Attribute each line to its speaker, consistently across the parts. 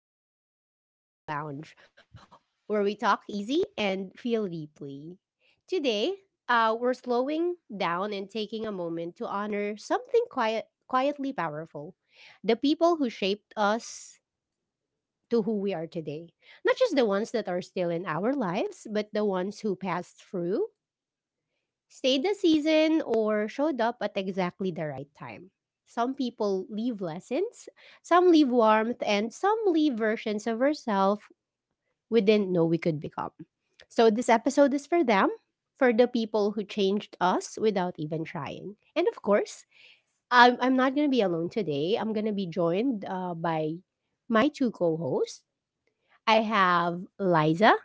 Speaker 1: Welcome back to Echo Lounge, where we talk easy and feel deeply. Today, we're slowing down and taking a moment to honor something quiet, quietly powerful, the people who shaped us to who we are today. Not just the ones that are still in our lives, but the ones who passed through, stayed the season, or showed up at exactly the right time. Some people leave lessons, some leave warmth, and some leave versions of ourselves we didn't know we could become. So this episode is for them, for the people who changed us without even trying. And of course, I'm not going to be alone today. I'm going to be joined by my two co hosts. I have Liza.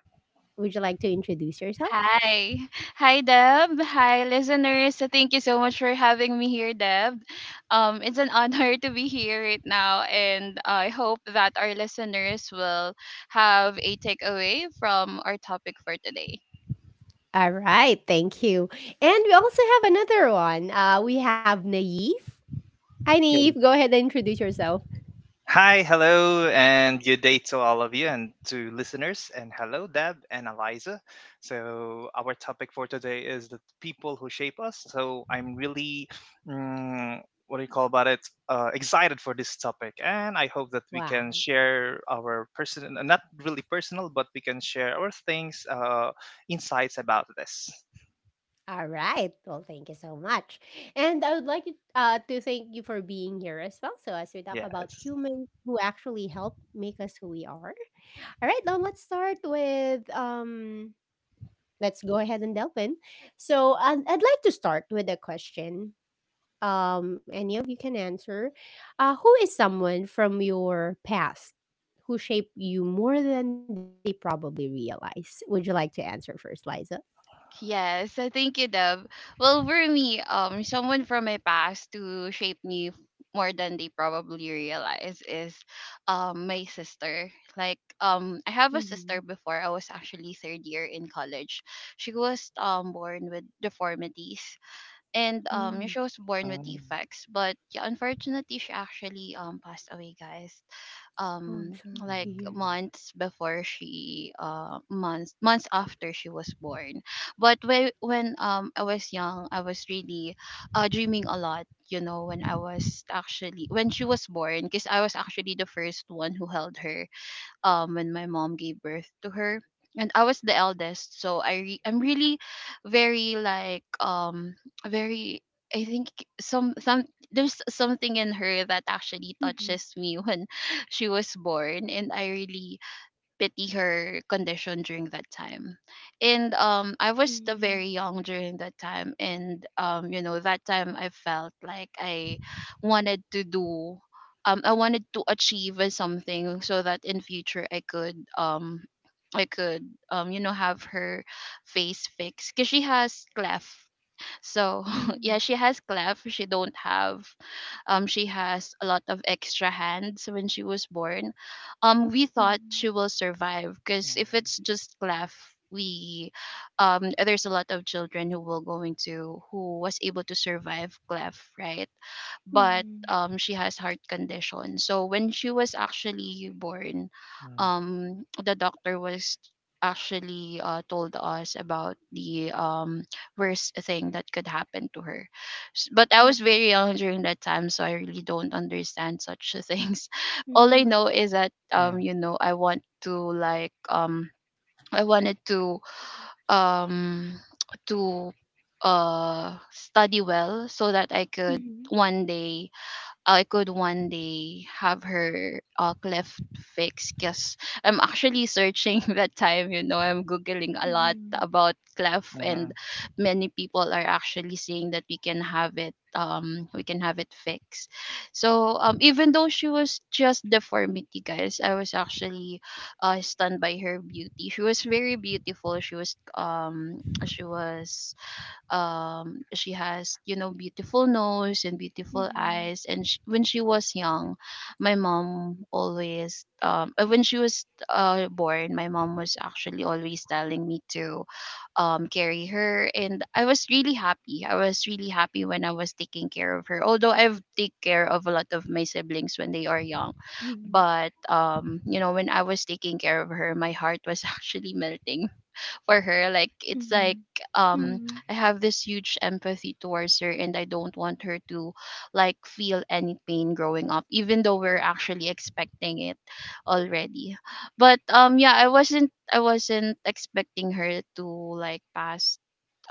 Speaker 1: Would you like to introduce yourself?
Speaker 2: Hi. Hi, Deb. Hi, listeners. Thank you so much for having me here, Deb. It's an honor to be here right now, and I hope that our listeners will have a takeaway from our topic for today.
Speaker 1: All right, thank you. And we also have another one. We have Naif. Hi,
Speaker 3: Yeah.
Speaker 1: Naif. Go ahead and introduce yourself.
Speaker 3: Hi, hello, and good day to all of you and to listeners. And hello, Deb and Eliza. Our topic for today is the people who shape us. So, I'm really, mm, what do you call about it, excited for this topic. And I hope that we can
Speaker 1: Wow.
Speaker 3: share our not really personal, but we can share our insights about this.
Speaker 1: All right. Well, thank you so much. And I would like you, to thank you for being here as well. So, as we talk about
Speaker 3: Yes.
Speaker 1: humans who actually help make us who we are. All right, now let's start with. Let's go ahead and delve in. So, I'd like to start with a question, any of you can answer. Who is someone from your past who shaped you more than they probably realize? Would you like to answer first, Liza?
Speaker 2: Yes, thank you, Deb. Well, for me, someone from my past to shape me more than they probably realize is, my sister. I have a
Speaker 1: Mm-hmm.
Speaker 2: sister before I was actually third year in college. She was born with deformities, and
Speaker 1: Mm.
Speaker 2: she was born with
Speaker 3: Mm,
Speaker 2: defects. But yeah, unfortunately, she actually passed away, guys,
Speaker 1: Oh, I'm
Speaker 2: um
Speaker 1: sorry to
Speaker 2: like
Speaker 1: hear.
Speaker 3: mm,
Speaker 2: months before she months months after she was born. But when I was young, I was really dreaming a lot, you know, when I was actually when she was born, because I was actually the first one who held her, when my mom gave birth to her. And I was the eldest, so I'm really very like very I think some there's something in her that actually
Speaker 1: Mm-hmm.
Speaker 2: touches me when she was born, and I really pity her condition during that time. And I was
Speaker 1: Mm-hmm.
Speaker 2: still very young during that time, and you know, that time I felt like I wanted to do I wanted to achieve something, so that in future I could I could you know, have her face fixed because she has cleft. So yeah, she has cleft. She don't have she has a lot of extra hands when she was born. We thought
Speaker 1: Mm-hmm.
Speaker 2: she will survive because if it's just cleft, we there's a lot of children who will going to who was able to survive cleft, right? But
Speaker 1: Mm-hmm.
Speaker 2: she has heart condition. So when she was actually born,
Speaker 3: mm,
Speaker 2: the doctor was actually told us about the worst thing that could happen to her. But I was
Speaker 1: Mm-hmm.
Speaker 2: very young during that time, so I really don't understand such things. All I know is that
Speaker 3: mm, mm,
Speaker 2: you know, I want to I wanted to um, to study well so that I could
Speaker 1: Mm-hmm.
Speaker 2: one day have her cleft fixed, because I'm actually searching that time, you know, I'm Googling a lot
Speaker 1: Mm-hmm.
Speaker 2: about cleft,
Speaker 3: mm, mm,
Speaker 2: and many people are actually saying that we can have it, we can have it fixed. So even though she was just deformity, guys, I was actually stunned by her beauty. She was very beautiful. She was she was she has, you know, beautiful nose and beautiful eyes. And sh when she was young, my mom always when she was born, my mom was actually always telling me to carry her. And I was really happy when I was taking care of her, although I've take care of a lot of my siblings when they are young.
Speaker 1: Mm-hmm.
Speaker 2: But you know, when I was taking care of her, my heart was actually melting for her. Like it's
Speaker 1: Mhm.
Speaker 2: like um
Speaker 1: Mhm.
Speaker 2: I have this huge empathy towards her, and I don't want her to like feel any pain growing up, even though we're actually expecting it already. But yeah, I wasn't expecting her to like pass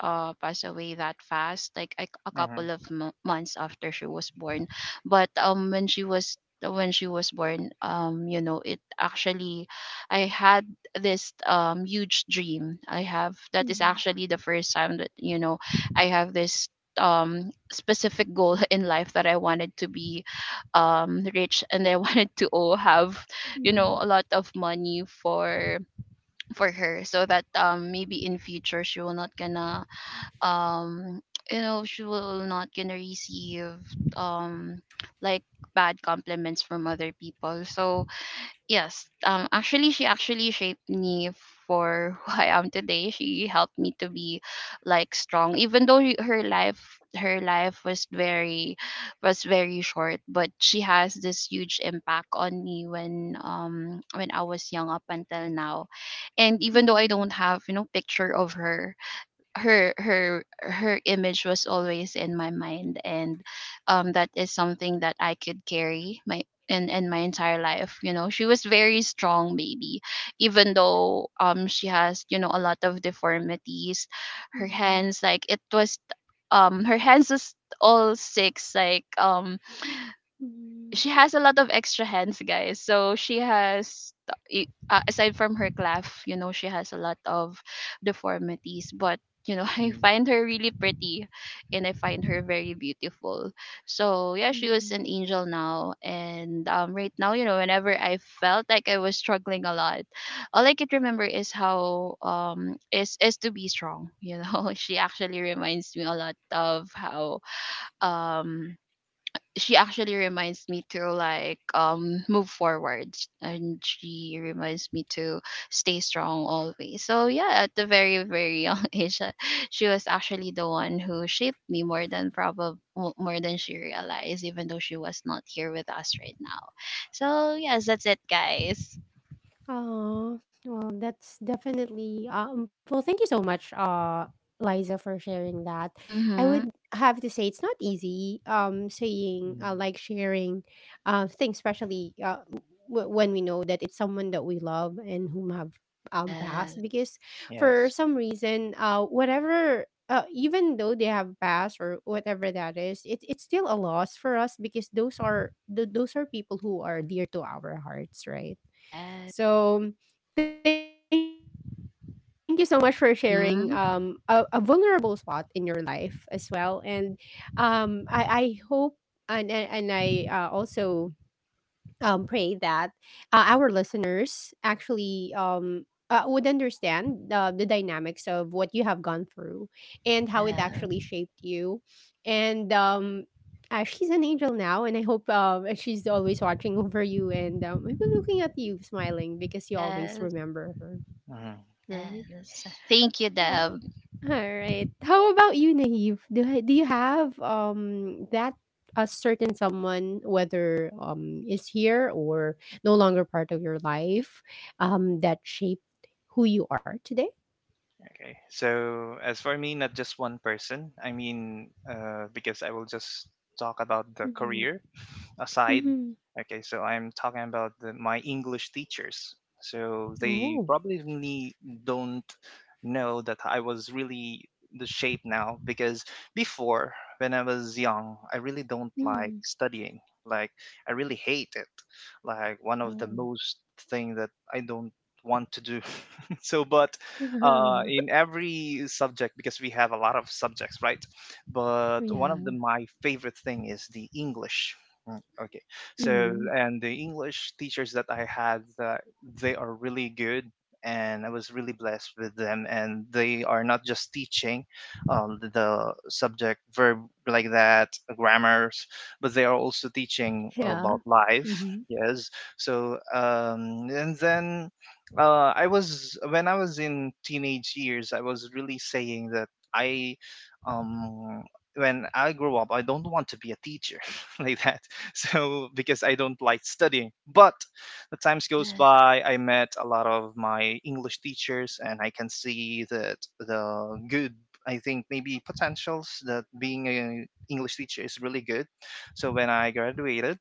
Speaker 2: uh passed away that fast, like a
Speaker 3: mm.
Speaker 2: couple of months after she was born. But when she was born, you know, it actually, I had this huge dream. I have that is
Speaker 1: Mhm.
Speaker 2: actually the first time that, you know, I have this specific goal in life, that I wanted to be rich, and I wanted to have, you
Speaker 1: Mhm.
Speaker 2: know, a lot of money for her, so that maybe in future she will not gonna um she will not gonna receive um like bad compliments from other people. So yes, actually she actually shaped me for who I am today. She helped me to be like strong, even though her life was very short. But she has this huge impact on me when I was young up until now. And even though I
Speaker 1: Mhm.
Speaker 2: don't have, you know, picture of her, her image was always in my mind. And that is something that I could carry my in my entire life. You know, she was very strong baby, even though she has, you know, a lot of deformities. Her
Speaker 1: Mhm.
Speaker 2: hands, like it was her hands was all six,
Speaker 1: Mhm.
Speaker 2: she has a lot of extra hands, guys. So she has, t- aside from her clef, you know, she has a lot of deformities. But you know, I
Speaker 3: mm,
Speaker 2: find her really pretty, and I find her very beautiful. So yeah, she was
Speaker 1: Mhm.
Speaker 2: an angel now, and right now, you know, whenever I felt like I was struggling a lot, all I could remember is how is to be strong. You know, she actually reminds me a lot of how um she actually reminds me to move forward, and she reminds me to stay strong always. So yeah, at the very young age, she was actually the one who shaped me more than probably more than she realized, even though she was not here with us right now. So yes, that's it, guys.
Speaker 1: Oh, well, that's definitely well, thank you so much, Liza, for sharing that. I would
Speaker 2: Mm-hmm.
Speaker 1: have to say it's not easy saying,
Speaker 3: Mm,
Speaker 1: like sharing things, especially when we know that it's someone that we love and whom have
Speaker 2: Yes.
Speaker 1: passed, because for
Speaker 3: Yes.
Speaker 1: some reason, whatever, even though they have passed or whatever that is, it's still a loss for us, because those are people who are dear to our hearts, right?
Speaker 2: Yes.
Speaker 1: So thank you so much for sharing a vulnerable spot
Speaker 2: Mm-hmm.
Speaker 1: in your life as well. And I hope, and I, also, pray that, our listeners actually, would understand, the dynamics of what you have gone through, and how it actually shaped
Speaker 2: Yes.
Speaker 1: you. And she's an angel now, and I hope, and she's always watching over you and, maybe looking at you smiling because you always
Speaker 2: Yes.
Speaker 1: remember her,
Speaker 3: hmm
Speaker 1: right?
Speaker 2: Yes,
Speaker 3: Yes.
Speaker 2: thank you,
Speaker 1: Uh,
Speaker 2: Deb.
Speaker 1: Alright. How about you, Naive? Do you have that a certain someone, whether is here or no longer part of your life, that shaped who you are today?
Speaker 3: Okay. So as for me, not just one person. Because I will just talk about the
Speaker 1: Mm-hmm.
Speaker 3: career aside.
Speaker 1: Mm-hmm.
Speaker 3: Okay, so I'm talking about my English teachers. So
Speaker 1: Oh.
Speaker 3: they probably don't know that I was really the shape now because before, when I was young, I really don't
Speaker 1: Mm-hmm.
Speaker 3: like studying. Like I really hate it. Like one of the
Speaker 1: Oh.
Speaker 3: most thing that I don't want to do. But in every subject, because we have a lot of subjects, right? But one
Speaker 1: Yeah.
Speaker 3: of the my favorite thing is the english. Okay.
Speaker 1: Mm-hmm.
Speaker 3: And the English teachers that I had they are really good, and I was really blessed with them. And they are not just teaching the subject, verb like that, grammars, but they are also teaching
Speaker 1: Yeah.
Speaker 3: about life.
Speaker 1: Mm-hmm.
Speaker 3: Yes. And then I was, when I was in teenage years, I was really saying that I, um, when I grow up, I don't want to be a teacher like that. Because I don't like studying. But the times
Speaker 2: Yeah.
Speaker 3: goes by, I met a lot of my English teachers, and I can see that the good. I think maybe potentials that being an English teacher is really good. So when I graduated,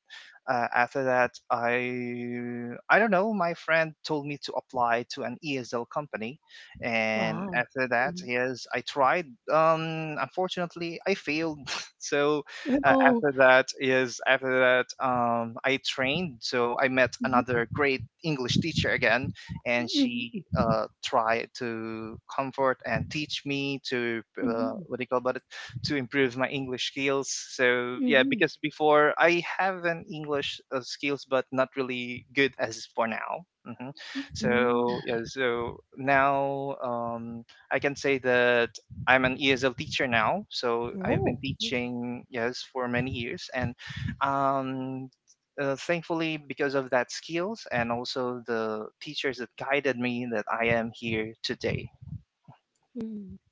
Speaker 3: after that, I don't know. My friend told me to apply to an ESL company, and
Speaker 1: Wow.
Speaker 3: after that,
Speaker 1: Mm-hmm.
Speaker 3: yes, I tried. Unfortunately, I failed. so
Speaker 1: Oh.
Speaker 3: After that I trained, so I met another great English teacher again, and
Speaker 1: Mm-hmm.
Speaker 3: she
Speaker 1: Mm-hmm.
Speaker 3: uh, tried to comfort and teach me to
Speaker 1: Mm-hmm.
Speaker 3: what do you call about it to improve my English skills. So
Speaker 1: Mm-hmm.
Speaker 3: yeah,
Speaker 1: Mm-hmm.
Speaker 3: because before I have an English skills, but not really good as for now. hmm
Speaker 1: Mm-hmm.
Speaker 3: So yeah, so now I can say that I'm an ESL teacher now, so I've
Speaker 1: Oh.
Speaker 3: been teaching yes for many years, and um, thankfully because of that skills and also the teachers that guided me, that I am here
Speaker 1: Mm.
Speaker 3: today.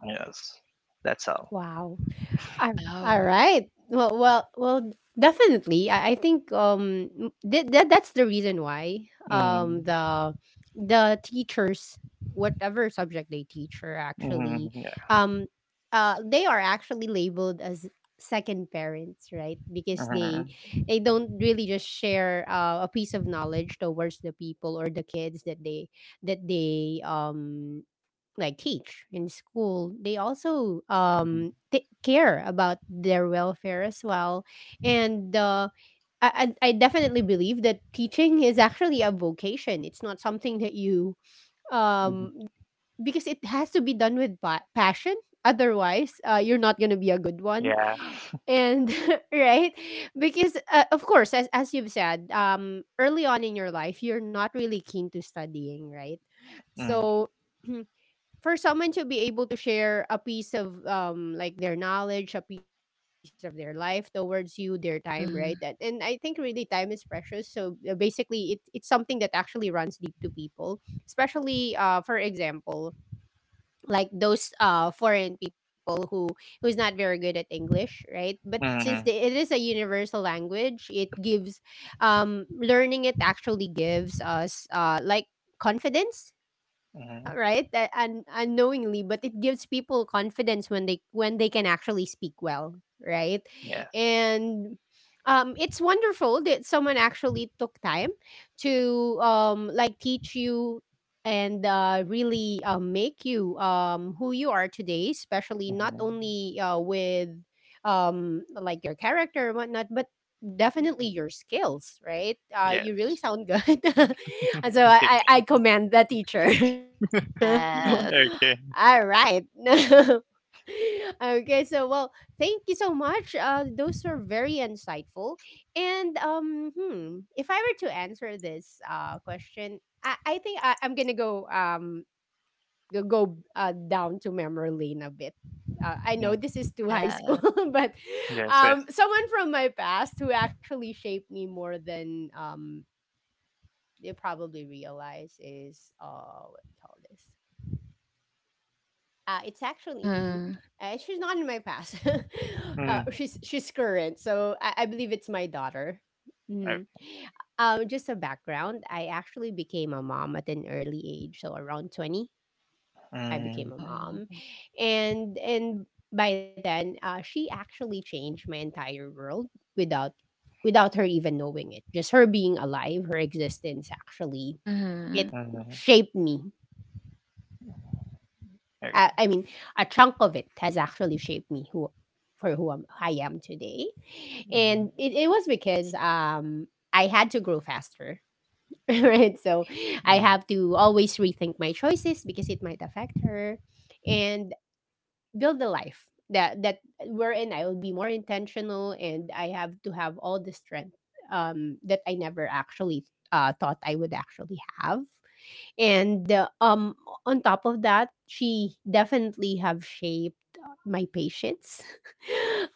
Speaker 3: Yes,
Speaker 1: Wow.
Speaker 3: that's all.
Speaker 1: All right. Well,
Speaker 2: Wow.
Speaker 1: well, well. Definitely, I think that's the reason why um
Speaker 3: Mm,
Speaker 1: the the teachers, whatever subject they teach, are actually,
Speaker 3: mm, yeah.
Speaker 1: um they are actually labeled as second parents, right? Because they
Speaker 3: mhm,
Speaker 1: they don't really just share a piece of knowledge towards the people or the kids that they like teach in school. They also
Speaker 3: mhm,
Speaker 1: take care about their welfare as well. And I definitely believe that teaching is actually a vocation. It's not something that you,
Speaker 3: mhm,
Speaker 1: um because it has to be done with passion. Otherwise, you're not gonna be a good one.
Speaker 3: Yeah.
Speaker 1: And right, because, of course, as you've said, early on in your life, you're not really keen to studying, right?
Speaker 3: Mm,
Speaker 1: So for someone to be able to share a piece of like their knowledge, a piece of their life towards you, their time, right? That, and
Speaker 2: Hmm.
Speaker 1: I think really time is precious. So basically, it's something that actually runs deep to people, especially, for example, like those foreign people who who's not very good at English, right? But since the,
Speaker 3: mm,
Speaker 1: it is a universal language, it gives, learning it actually gives us, like confidence,
Speaker 3: mm,
Speaker 1: right. And unknowingly, but it gives people confidence when they can actually speak well, right?
Speaker 3: yes.
Speaker 1: And it's wonderful that someone actually took time to like teach you, and really make you who you are today, especially
Speaker 3: mhm,
Speaker 1: not only, with like your character and whatnot, but definitely your skills, right? You
Speaker 3: Yes.
Speaker 1: really sound good. And so I,
Speaker 3: Okay.
Speaker 1: I, I commend the teacher.
Speaker 2: Yes,
Speaker 1: All
Speaker 3: Okay.
Speaker 1: right. Okay, so well, thank you so much. Those were very insightful. And hmm, if I were to answer this question, I think I'm gonna go down to memory lane a bit. I know
Speaker 3: Mm,
Speaker 1: this is too high
Speaker 2: yeah.
Speaker 1: school, but,
Speaker 3: yes. Yes.
Speaker 1: someone from my past who actually shaped me more than you probably realize is, what do you call this it's actually,
Speaker 2: Mhm.
Speaker 1: she's not in my past.
Speaker 3: Mm,
Speaker 1: She's current, so I believe it's my daughter.
Speaker 3: oh,
Speaker 1: Hmm. Just a background, I actually became a mom at an early age, so around 20 I
Speaker 3: mm,
Speaker 1: became a
Speaker 2: Oh.
Speaker 1: mom. And by then, she actually changed my entire world without, without her even knowing it. Just her being alive, her existence actually,
Speaker 2: Mhm.
Speaker 1: it
Speaker 3: mm,
Speaker 1: shaped me. I mean, a chunk of it has
Speaker 3: okay.
Speaker 1: actually shaped me who for who I am today. And it was because,
Speaker 3: Mm,
Speaker 1: I had to grow faster. Right, so I have to
Speaker 3: mm.
Speaker 1: always rethink my choices because it might affect her, and build the life that, wherein I will be more intentional, and I have to have all the strength that I never actually, thought I would actually have. And, on top of that, she definitely have shaped my patience.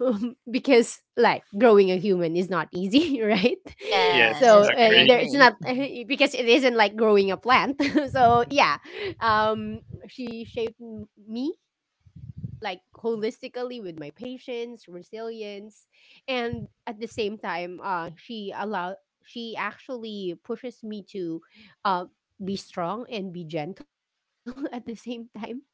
Speaker 1: Because like growing a human is not easy. Right,
Speaker 3: Yes,
Speaker 2: Yes,
Speaker 1: so,
Speaker 2: I
Speaker 3: agree.
Speaker 1: there
Speaker 2: agree.
Speaker 1: it's not, because it isn't like growing a plant. So yeah, she shaped me like holistically, with my patience, resilience, and at the same time, she actually pushes me to, uh, be strong and be gentle at the same time.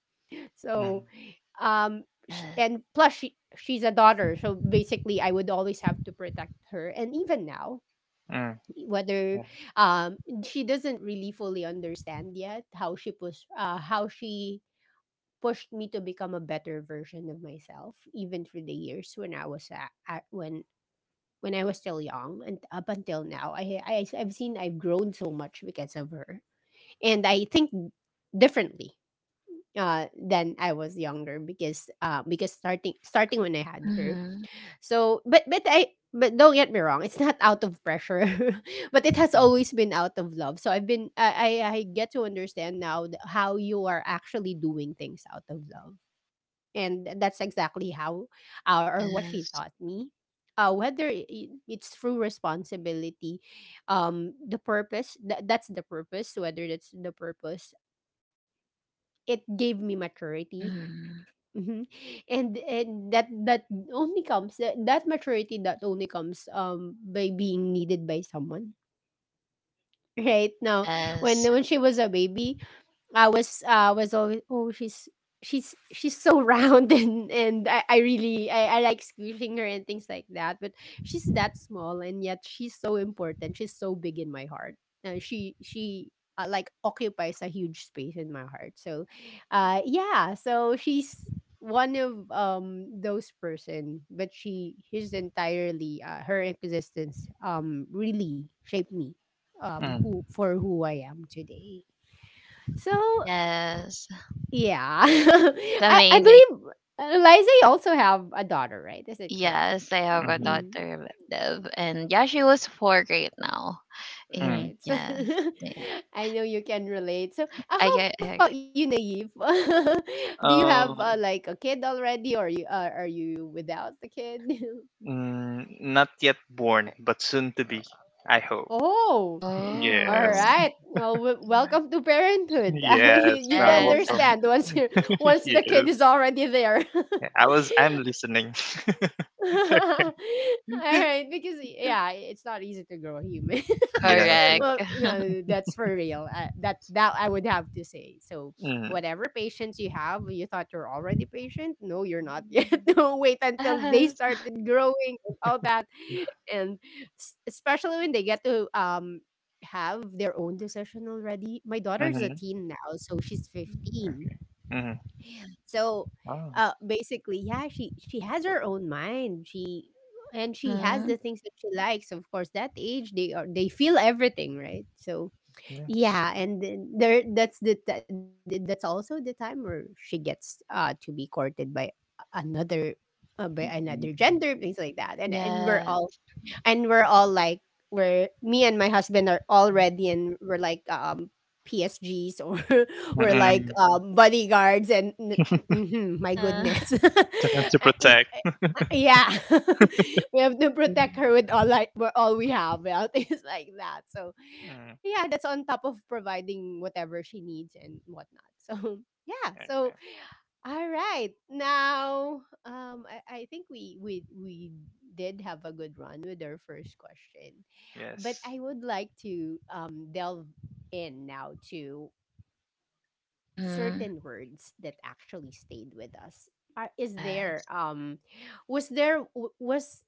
Speaker 1: So,
Speaker 3: Mm,
Speaker 1: um, she, and
Speaker 2: Yes.
Speaker 1: plus she she's a daughter, so basically I would always have to protect her, and even now,
Speaker 3: mm, yeah,
Speaker 1: whether um she doesn't really fully understand yet how she pushed me to become a better version of myself, even through the years when I was at, when I was still young, and up until now I I've seen I've grown so much because of her. And I think differently, than I was younger, because, starting when I had her.
Speaker 2: Mhm.
Speaker 1: So, but I but don't get me wrong, it's not out of pressure, but it has
Speaker 3: mm,
Speaker 1: always been out of love. So I've been I get to understand now how you are actually doing things out of love, and that's exactly how, or what she
Speaker 2: Yes.
Speaker 1: taught me. Whether it's through responsibility, the purpose, tha- that's the purpose, whether that's the purpose, it gave me maturity.
Speaker 2: Mhm.
Speaker 1: Mhm. And that maturity that only comes by being needed by someone. Right now,
Speaker 2: Yes.
Speaker 1: when she was a baby, I was, always, oh, she's so round, and I like squishing her and things like that, but she's that small, and yet she's so important, she's so big in my heart. Uh, she like, occupies a huge space in my heart. So yeah, so she's one of, those person, but she his entirely, her existence really shaped me,
Speaker 3: mm,
Speaker 1: who for who I am today. So
Speaker 2: Yes.
Speaker 1: yeah.
Speaker 2: It's
Speaker 1: I
Speaker 2: amazing.
Speaker 1: believe, Liza, you also have a daughter, right? Is it correct?
Speaker 2: Yes, I have a
Speaker 3: mhm,
Speaker 1: Mm,
Speaker 2: daughter, Bev, and yeah, she was four right now.
Speaker 3: mm.
Speaker 2: And
Speaker 1: right.
Speaker 2: yes, yeah,
Speaker 1: I know you can relate. So
Speaker 2: I
Speaker 1: how
Speaker 2: get. I
Speaker 1: about you,
Speaker 2: agree.
Speaker 1: Naive? Do you have,
Speaker 3: Um,
Speaker 1: like, a kid already, or you are you without the kid?
Speaker 3: mm, Not yet born, but soon to
Speaker 1: Uh,
Speaker 3: be, I hope.
Speaker 1: oh, all
Speaker 2: Oh,
Speaker 3: Yes,
Speaker 1: right. Well, welcome to parenthood.
Speaker 3: yes,
Speaker 1: You'd
Speaker 3: I hope.
Speaker 2: yes,
Speaker 1: understand once you once the kid
Speaker 3: Yes,
Speaker 1: is already there.
Speaker 3: yeah, I was. I'm listening.
Speaker 1: All right, because yeah, it's not easy to grow a human.
Speaker 3: Yes. Yeah.
Speaker 2: correct.
Speaker 1: Well, no, that's for real. That that I would have to say. So,
Speaker 3: Mm,
Speaker 1: whatever patience you have, you thought you're already patient. No, you're not yet. No, wait until they
Speaker 2: Yes.
Speaker 1: started growing and all that, and especially when they get to have their own decision already. My daughter's a
Speaker 3: mm-hmm.
Speaker 1: teen now, so she's 15.
Speaker 3: Okay. Mm.
Speaker 1: So,
Speaker 3: Oh,
Speaker 1: basically, yeah, she has her own mind. She has the
Speaker 2: Mhm.
Speaker 1: things that she likes. Of course, that age they feel everything, right? So
Speaker 3: yes.
Speaker 1: yeah, and then there that's the ti- that's also the time where she gets to be courted another by
Speaker 3: Mm,
Speaker 1: another
Speaker 3: mm,
Speaker 1: gender, things like that, and we're
Speaker 2: Yes.
Speaker 1: all and we're all like we're me and my husband are already and we're like PSGs, or
Speaker 3: mm,
Speaker 1: we're
Speaker 3: mm,
Speaker 1: like bodyguards and mhm, my
Speaker 2: Uh-huh.
Speaker 1: goodness.
Speaker 3: To, to protect.
Speaker 1: Yeah, we have to protect her with all, like with all we have, yeah, things like that, so
Speaker 3: Mm,
Speaker 1: yeah, that's on top of providing whatever she needs and whatnot, so yeah, so
Speaker 3: okay.
Speaker 1: all right. Now, I think we did have a good run with our first question, but
Speaker 3: Yes.
Speaker 1: I would like to delve in now to
Speaker 2: Mhm.
Speaker 1: certain words that actually stayed with us. Are, is there,
Speaker 2: Yes.
Speaker 1: was there, was,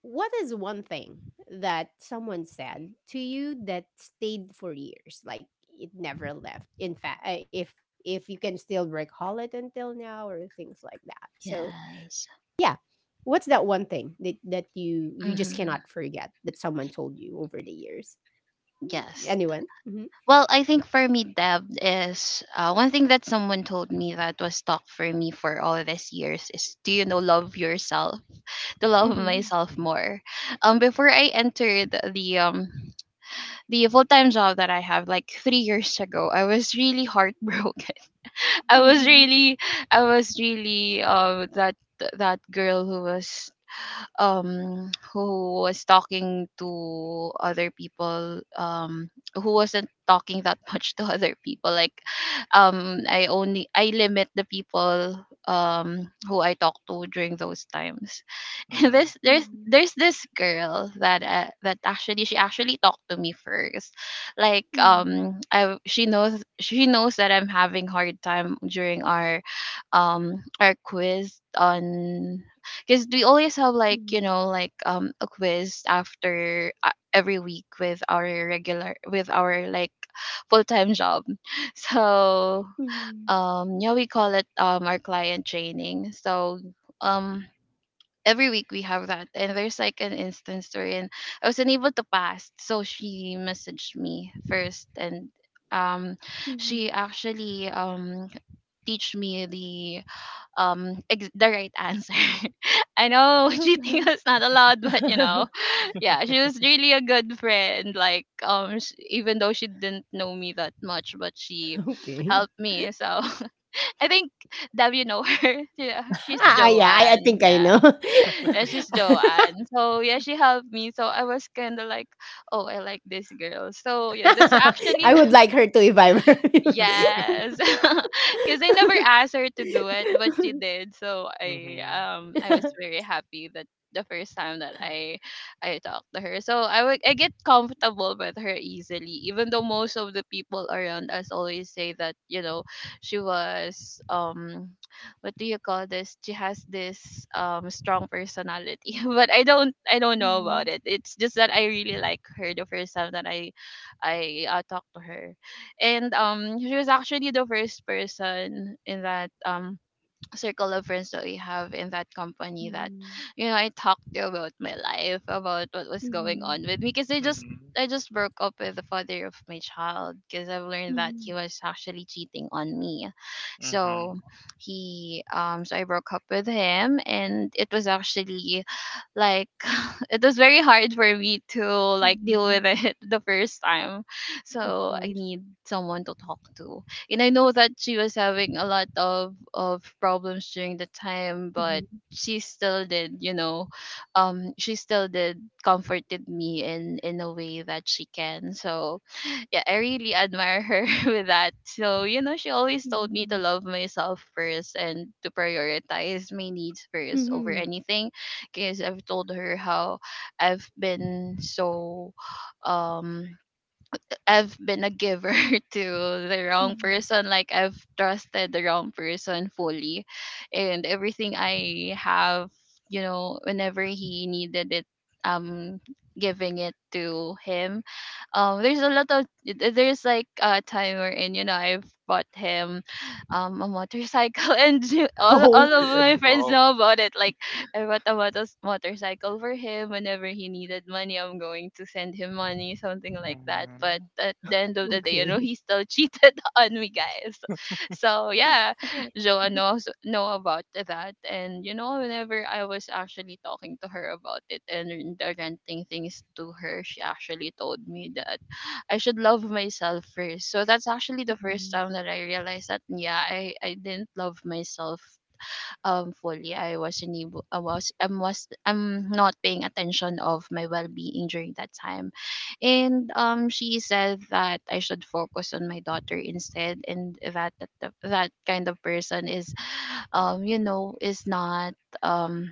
Speaker 1: what is one thing that someone said to you that stayed for years? Like it never left. In fact, if you can still recall it until now or things like that. So,
Speaker 2: Yes.
Speaker 1: yeah. What's that one thing that you just cannot
Speaker 2: Hmm.
Speaker 1: forget that someone told you over the years?
Speaker 2: Yes.
Speaker 1: Anyone? Mhm.
Speaker 2: Well, I think for me, Deb, is one thing that someone told me that was stuck for me for all these years is, do you know, love yourself, to love
Speaker 1: Mhm.
Speaker 2: myself
Speaker 3: Mhm.
Speaker 2: more. Before I entered the full time job that I have like 3 years ago, I was really heartbroken. I
Speaker 3: Oh.
Speaker 2: was
Speaker 1: Mhm.
Speaker 2: really, I was really that girl who was talking to other people who wasn't talking that much to other people. Like I only I limit the people who I talk to during those times. And
Speaker 3: Mhm.
Speaker 2: this there's this girl that that actually she actually talked to me first. Like
Speaker 1: Mhm.
Speaker 2: I she knows that I'm having hard time during our quiz on, because we always
Speaker 1: Mhm.
Speaker 2: have like, you know, like a quiz after every week with our regular with our like full-time job. So
Speaker 1: Mhm.
Speaker 2: yeah, we call it our client training. So um every week we have that, and there's like an instance wherein I was unable to pass. So she messaged me first, and um she actually teach me the the right answer. I know
Speaker 1: Mhm.
Speaker 2: cheating is not
Speaker 1: Mhm.
Speaker 2: allowed, but, you know, yeah, she was really a good friend. Like even though she didn't know me that much, but she
Speaker 1: Okay.
Speaker 2: helped me. So I think Dab, you know her. Yeah, she's
Speaker 1: Ah,
Speaker 3: Mhm.
Speaker 1: yeah, I think
Speaker 2: Joanne.
Speaker 1: I
Speaker 2: Yeah,
Speaker 3: Mhm.
Speaker 1: know.
Speaker 2: yeah, she's Joanne. So yeah, she helped me. So I was kind of like, oh, I like this girl. So yeah, that's actually—
Speaker 1: I would
Speaker 3: Mhm.
Speaker 1: like her to if I were you.
Speaker 2: Yes. Because I never asked her to do it, but she did. So
Speaker 3: Mhm.
Speaker 2: I was very happy that the first time that I talked to her. So I would I get comfortable with her easily, even though most of the people around us always say that, you know, she was what do you call this? She has this strong personality. But I don't know about
Speaker 1: Mhm,
Speaker 2: it. It's just that I really like her the first time that I talked to her. And she was actually the first person in that circle of friends that we have in that company, that, you know, I talked to about my life, about what was going
Speaker 1: mhm,
Speaker 2: on with me. Because I just
Speaker 3: Mhm.
Speaker 2: broke up with the father of my child because I've
Speaker 1: mhm,
Speaker 2: learned that
Speaker 1: mhm,
Speaker 2: he was actually cheating on me.
Speaker 3: Mhm.
Speaker 2: So he so I broke up with him, and it was actually like it was very hard for me to like deal
Speaker 1: mhm.
Speaker 2: with it. The first time,
Speaker 1: Of
Speaker 2: so I
Speaker 1: course.
Speaker 2: need someone to talk to, and I know that she was having a lot of problems
Speaker 1: Mhm,
Speaker 2: during the time. But she still did you know she still did comforted me in a way that she can. So yeah, I really admire her with that. So, you know, she always told me
Speaker 1: mhm,
Speaker 2: to love myself first and to prioritize my needs first over
Speaker 1: mhm,
Speaker 2: anything, because I've told her how I've been so um I've been a giver to the wrong
Speaker 1: mhm.
Speaker 2: person. Like, I've trusted the wrong person fully, and everything I have, you know, whenever he needed it, um giving it to him. There's a lot of th- There's like a time wherein, you know, I've bought him a motorcycle and all
Speaker 1: Oh,
Speaker 2: of my friends
Speaker 3: Wow.
Speaker 2: know about it. Like, I bought a motorcycle for him. Whenever he needed money, I'm going to send him money, something like that. But
Speaker 3: Mhm.
Speaker 2: at the end of the day, you know,
Speaker 1: okay.
Speaker 2: he still cheated on me, guys. So yeah, Joa knows know about that. And you know, whenever I was actually talking to her about it and renting things to her, she actually told me that I should love myself first. So that's actually the first
Speaker 1: Mm.
Speaker 2: time that I realized that yeah, I didn't love myself fully. I wasn't able i was i'm was i'm not paying attention of my well-being during that time. And she said that I should focus on my daughter instead, and that kind of person is, you know, is not, um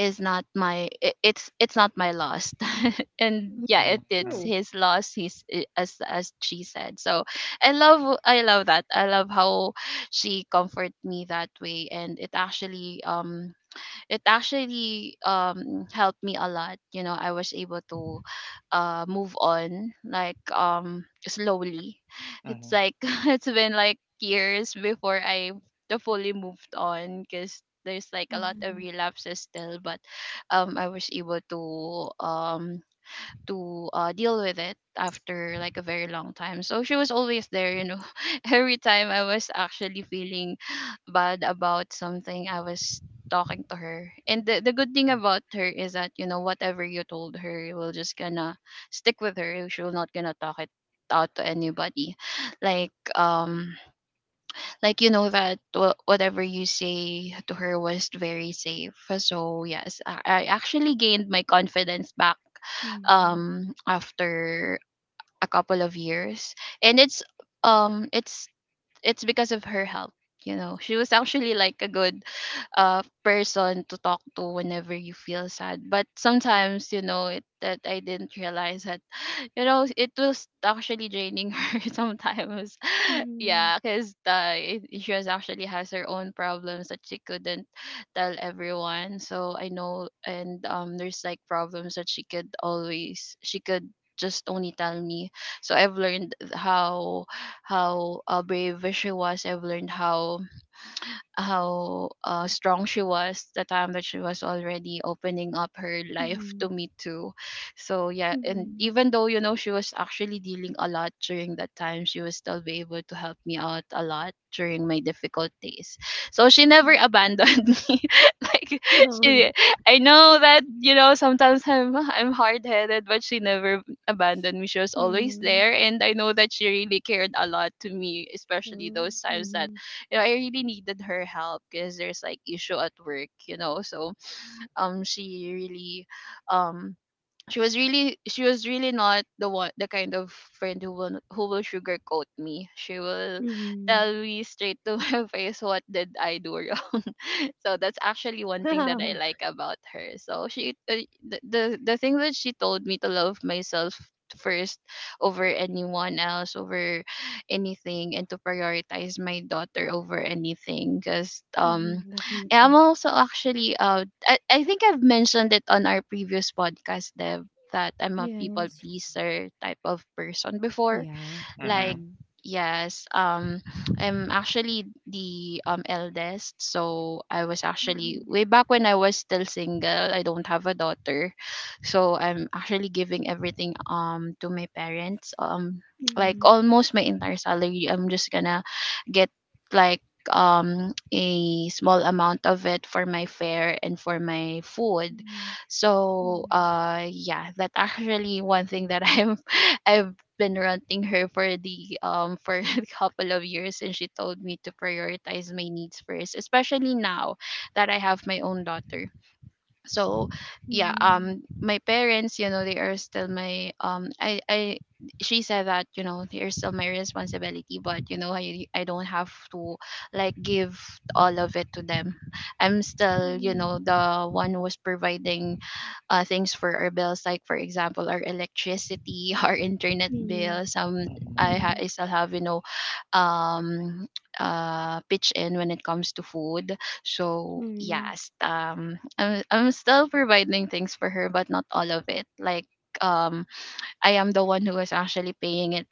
Speaker 2: it's not my loss. And
Speaker 1: Me
Speaker 2: yeah, it's
Speaker 3: Mhm.
Speaker 1: too.
Speaker 2: his loss. He's i- as as she said, so I love how she comforted me that way. And it actually helped me a lot. You know, I was able to move on like, slowly. It's
Speaker 3: Mhm.
Speaker 2: like it's been like years before I the fully moved on, because there's like a lot of
Speaker 1: Uh-huh.
Speaker 2: relapses still. But I was able to deal with it after like a very long time. So she was always there, you know. Every time I was actually feeling bad about something, I was talking to her. And the good thing about her is that, you know, whatever you told her, you will just gonna stick with her. She will not gonna talk it out to anybody. Like, um, like, you know that whatever you say to her was very safe. So yes, I actually gained my confidence back
Speaker 1: Mm,
Speaker 2: after a couple of years. And um it's it's because of her help. You know, she was actually like a good person to talk to whenever you feel sad. But sometimes, you know it, that I didn't realize that you know, it was actually draining her sometimes. Yeah,
Speaker 1: mhm,
Speaker 2: because she was actually has her own problems that she couldn't tell everyone. So I know, and there's like problems that she could just only tell me. So I've learned how brave she was. I've learned how strong she was the time that she was already opening up her life
Speaker 1: mhm,
Speaker 2: to me too. So yeah, and
Speaker 1: mhm,
Speaker 2: even though, you know, she was actually dealing a lot during that time, she was still be able to help me out a lot during my difficult days. So she
Speaker 1: hmm.
Speaker 2: never abandoned me. Like,
Speaker 1: Oh,
Speaker 2: she I know that, you know, sometimes I'm hard-headed, but she never abandoned me. She was always
Speaker 1: mm,
Speaker 2: there, and I know that she really cared a lot to me, especially
Speaker 1: true.
Speaker 2: those times that,
Speaker 1: Mhm,
Speaker 2: you know, I really needed her help, because there's like issue at work. So she really, um she was really not the kind of friend who will sugarcoat me. She will
Speaker 1: mhm,
Speaker 2: tell me straight to my face what did I do wrong. So that's actually one thing that I like about her. So she, the thing that she told me to love myself first over anyone else, over anything, and to prioritize my daughter over anything, because
Speaker 1: mhm, definitely.
Speaker 2: I'm also actually, I think I've mentioned it on our previous podcast, Dev, that I'm a people
Speaker 1: Yes.
Speaker 2: pleaser type of person before.
Speaker 1: Yeah.
Speaker 2: Like,
Speaker 3: Mhm.
Speaker 1: Mm.
Speaker 2: yes, I'm actually the eldest. So I was actually
Speaker 1: Mhm,
Speaker 2: way back when I was still single, I don't have a daughter. So I'm actually giving everything to my parents like
Speaker 1: mhm,
Speaker 2: almost my entire salary. I'm just gonna get like a small amount of it for my fare and for my food. So
Speaker 1: mhm,
Speaker 2: yeah, that actually one thing that I'm I've been renting her for the for a couple of years. And she told me to prioritize my needs first, especially now that I have my own daughter. So
Speaker 1: mhm,
Speaker 2: yeah,
Speaker 1: mhm,
Speaker 2: my parents, you know, they are still my I, she said that, you know, they are still my responsibility. But, you know, I don't have to like give all of it to them. I'm still, you
Speaker 1: mhm,
Speaker 2: know, the one who's providing things for our bills, like for example, our electricity, our internet
Speaker 1: mhm,
Speaker 2: bills. Um, I,
Speaker 3: Mhm.
Speaker 2: ha- I still have, you know, um, pitch in when it comes to food. So yes, I'm still providing things for her, but not all of it. Like, um, I am the one who was actually paying it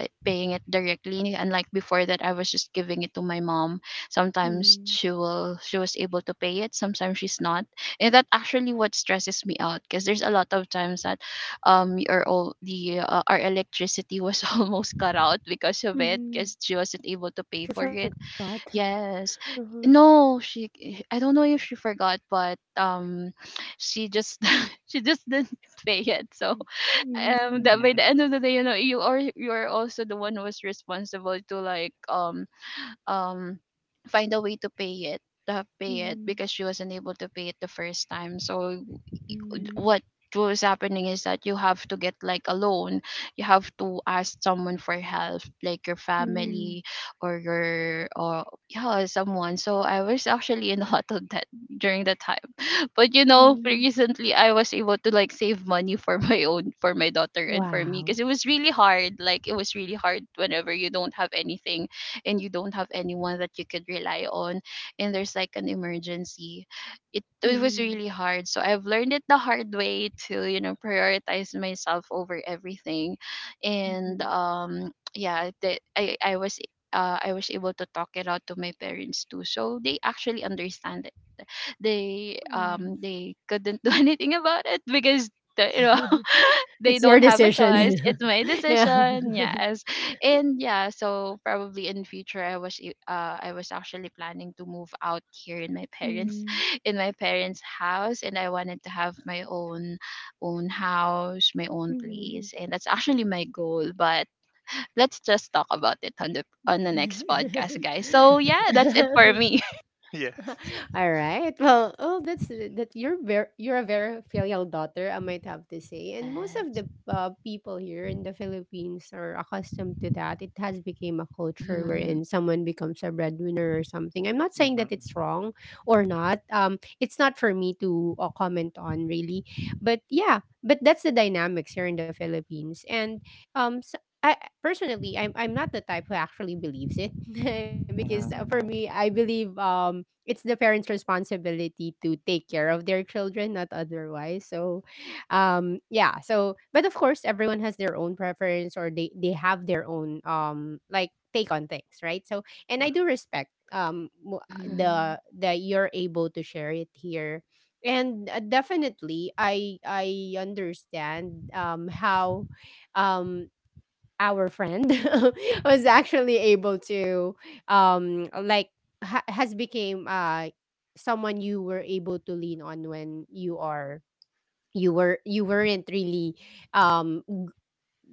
Speaker 2: uh, paying it directly, unlike before that I was just giving it to my mom.
Speaker 1: mhm, mhm,
Speaker 2: Sometimes
Speaker 1: mhm,
Speaker 2: she was able to pay it, sometimes she's not. And that actually what stresses me out, because there's a lot of times that our all the our electricity was almost cut out because of it,
Speaker 1: mhm.
Speaker 2: because she wasn't able to
Speaker 1: She
Speaker 2: pay for it.
Speaker 1: forgot.
Speaker 2: Yes,
Speaker 1: Uh-huh.
Speaker 2: no, I don't know if she forgot, but she just she just didn't pay it. So
Speaker 1: Mhm,
Speaker 2: that by
Speaker 3: Mhm.
Speaker 2: the end of the day, you know, you are also the one who is responsible to like um find a way to pay it, pay it
Speaker 1: mhm,
Speaker 2: because she wasn't able to pay it the first time. So
Speaker 1: mhm,
Speaker 2: what was happening is that you have to get like a loan. You have to ask someone for help, like your
Speaker 1: mhm,
Speaker 2: family or your or yeah, someone. So I was actually in a lot of debt during that time. But, you know,
Speaker 1: mhm.
Speaker 2: recently I was able to like save money for my own, for my daughter and for me,
Speaker 1: Wow.
Speaker 2: because it was really hard. Like, it was really hard whenever you don't have anything, and you don't have anyone that you could rely on, and there's like an emergency. It was
Speaker 1: Mhm,
Speaker 2: really hard. So I've learned it the hard way to, you know, prioritize myself over everything. And
Speaker 1: mhm.
Speaker 2: yeah, the, I was able to talk it out to my parents too. So they actually understand. they
Speaker 1: Um,
Speaker 2: um they couldn't do anything about it because you know
Speaker 1: It's
Speaker 2: they
Speaker 1: your
Speaker 2: don't have a
Speaker 1: decision.
Speaker 2: choice. It's my
Speaker 1: Yeah.
Speaker 2: decision, yes. And yeah, so probably in future, I was actually planning to move out here in my parents
Speaker 1: Mhm,
Speaker 2: in my parents house, and I wanted to have my own house, my own
Speaker 1: mhm.
Speaker 2: place. And that's actually my goal, but let's just talk about it on the next podcast, guys. So yeah, that's it for me.
Speaker 3: Yes.
Speaker 1: All right. Well, oh, that's that. You're a very filial daughter, I might have to say, and most of the people here in the Philippines are accustomed to that. It has become a culture
Speaker 2: Yes.
Speaker 1: wherein someone becomes a breadwinner or something. I'm not saying that it's
Speaker 3: Mhm.
Speaker 1: wrong or not. It's not for me to comment on, really, but yeah, but that's the dynamics here in the Philippines, and so, I personally, I'm not the type who actually believes it, because,
Speaker 3: Mhm. Mhm.
Speaker 1: for me,
Speaker 3: Mhm.
Speaker 1: I believe it's the parents' responsibility to take care of their children, not otherwise. So, yeah. So, but of course, everyone has their own preference, or they have their own, like, take on things, right? So, and I do respect, mo-
Speaker 2: Mhm.
Speaker 1: the that you're able to share it here, and definitely I understand how um our friend was actually able to, um like has became someone you were able to lean on, when you weren't really um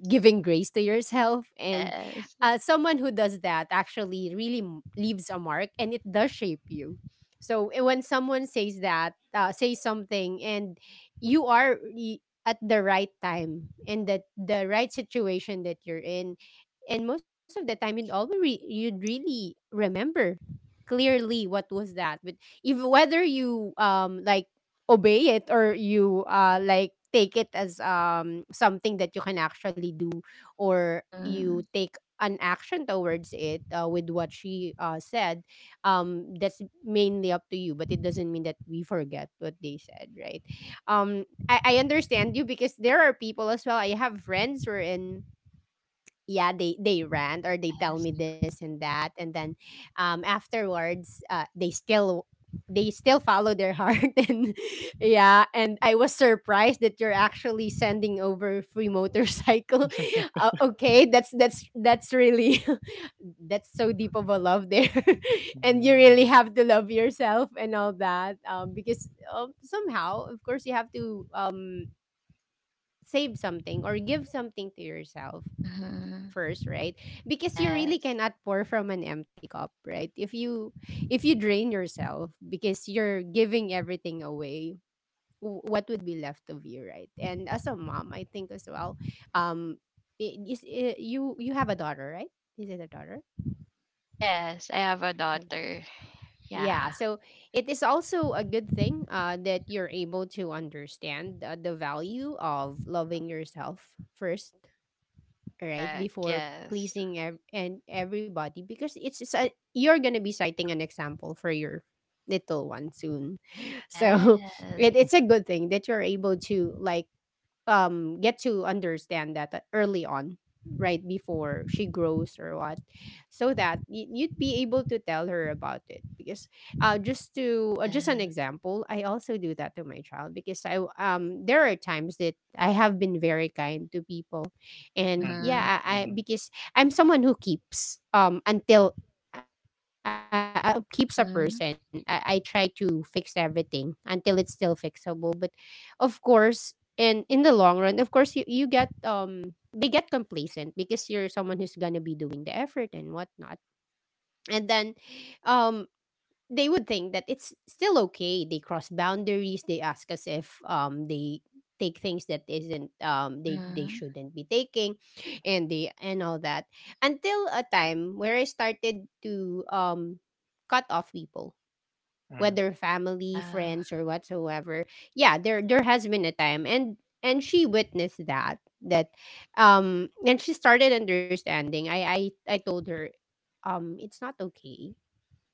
Speaker 1: giving grace to yourself, and
Speaker 2: Yes.
Speaker 1: someone who does that actually really leaves a mark, and it does shape you. So, when someone says that, says something, and you are, at the right time and that the right situation that you're in, and most of the time, you'd really remember clearly what was that, but if whether you, like, obey it, or you, like, take it as, something that you can actually do, or you
Speaker 2: Mhm.
Speaker 1: take an action towards it, with what she, said, that's mainly up to you, but it doesn't mean that we forget what they said, right? I understand you, because there are people as well. I have friends who are in, yeah, they rant, or they tell
Speaker 2: Yes.
Speaker 1: me this and that, and then, afterwards, they still follow their heart. And yeah, and I was surprised that you're actually sending over free motorcycle.
Speaker 3: Mhm.
Speaker 1: Okay, that's really, that's so deep of a love there. And you really have to love yourself and all that, because, somehow, of course, you have to, save something or give something to yourself
Speaker 2: Mhm.
Speaker 1: first, right? Because you really
Speaker 2: Yes.
Speaker 1: cannot pour from an empty cup, right? If you drain yourself because you're giving everything away, what would be left of you, right? And as a mom, I think as well, um, you have a daughter, right? Is it a daughter?
Speaker 2: Yes, I have a
Speaker 1: Okay.
Speaker 2: daughter.
Speaker 1: Yeah,
Speaker 2: Yeah.
Speaker 1: so it is also a good thing, that you're able to understand, the value of loving yourself first, right
Speaker 2: Correct.
Speaker 1: before
Speaker 2: Yes.
Speaker 1: pleasing, and everybody, because it's, you're gonna be citing an example for your little one soon, so
Speaker 2: Yes. Yes.
Speaker 1: it's a good thing that you're able to, like, get to understand that, early on, right before she grows, or what, so that, you'd be able to tell her about it. Because, just to, just an example, I also do that to my child, because there are times that I have been very kind to people, and
Speaker 2: Mhm.
Speaker 3: Mhm.
Speaker 1: yeah,
Speaker 3: Mhm.
Speaker 1: I
Speaker 3: Mhm.
Speaker 1: because I'm someone who keeps, until, keeps a person. I
Speaker 2: Mhm.
Speaker 1: try to fix everything until it's still fixable, but of course, and in the long run, of course, you get they get complacent, because you're someone who's gonna be doing the effort and whatnot, and then, um they would think that it's still okay, they cross boundaries, they ask us if, they take things that isn't, they
Speaker 2: Mhm.
Speaker 1: shouldn't be taking, and they and all that, until a time where I started to, cut off people, whether family,
Speaker 2: Yeah.
Speaker 1: friends, or whatsoever. Yeah, there has been a time, and she witnessed that, and she started understanding. I told her, it's not okay.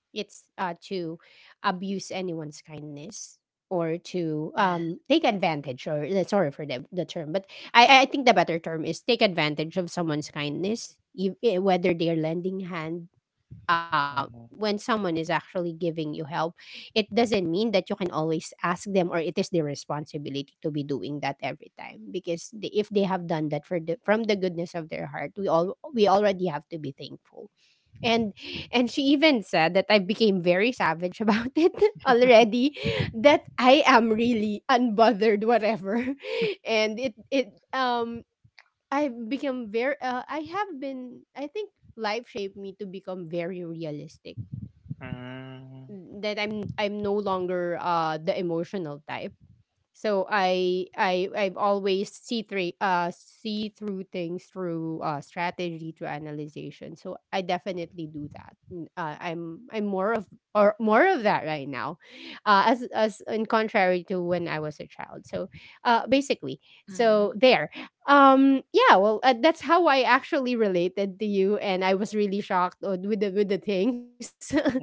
Speaker 1: It's to abuse anyone's kindness, or to,
Speaker 2: Yes.
Speaker 1: take advantage, or, sorry for the term, but I think the better term is take advantage of someone's kindness. You, whether they're lending hand, when someone is actually giving you help, it doesn't mean that you can always ask them, or it is their responsibility to be doing that every time, because they, if they have done that for from the goodness of their heart, we already have to be thankful. And and she even said that I became very savage about it already, that I am really unbothered whatever. And it I've become very, I have been, I think, life shaped me to become very realistic. That I'm no longer the emotional type. So I've always see through, see through things through, strategy to analyzation. So I definitely do that. I'm more of, or more of that right now, as in contrary to when I was a child. So, basically,
Speaker 2: Mhm.
Speaker 1: so there, yeah. Well, that's how I actually related to you, and I was really shocked, with the things.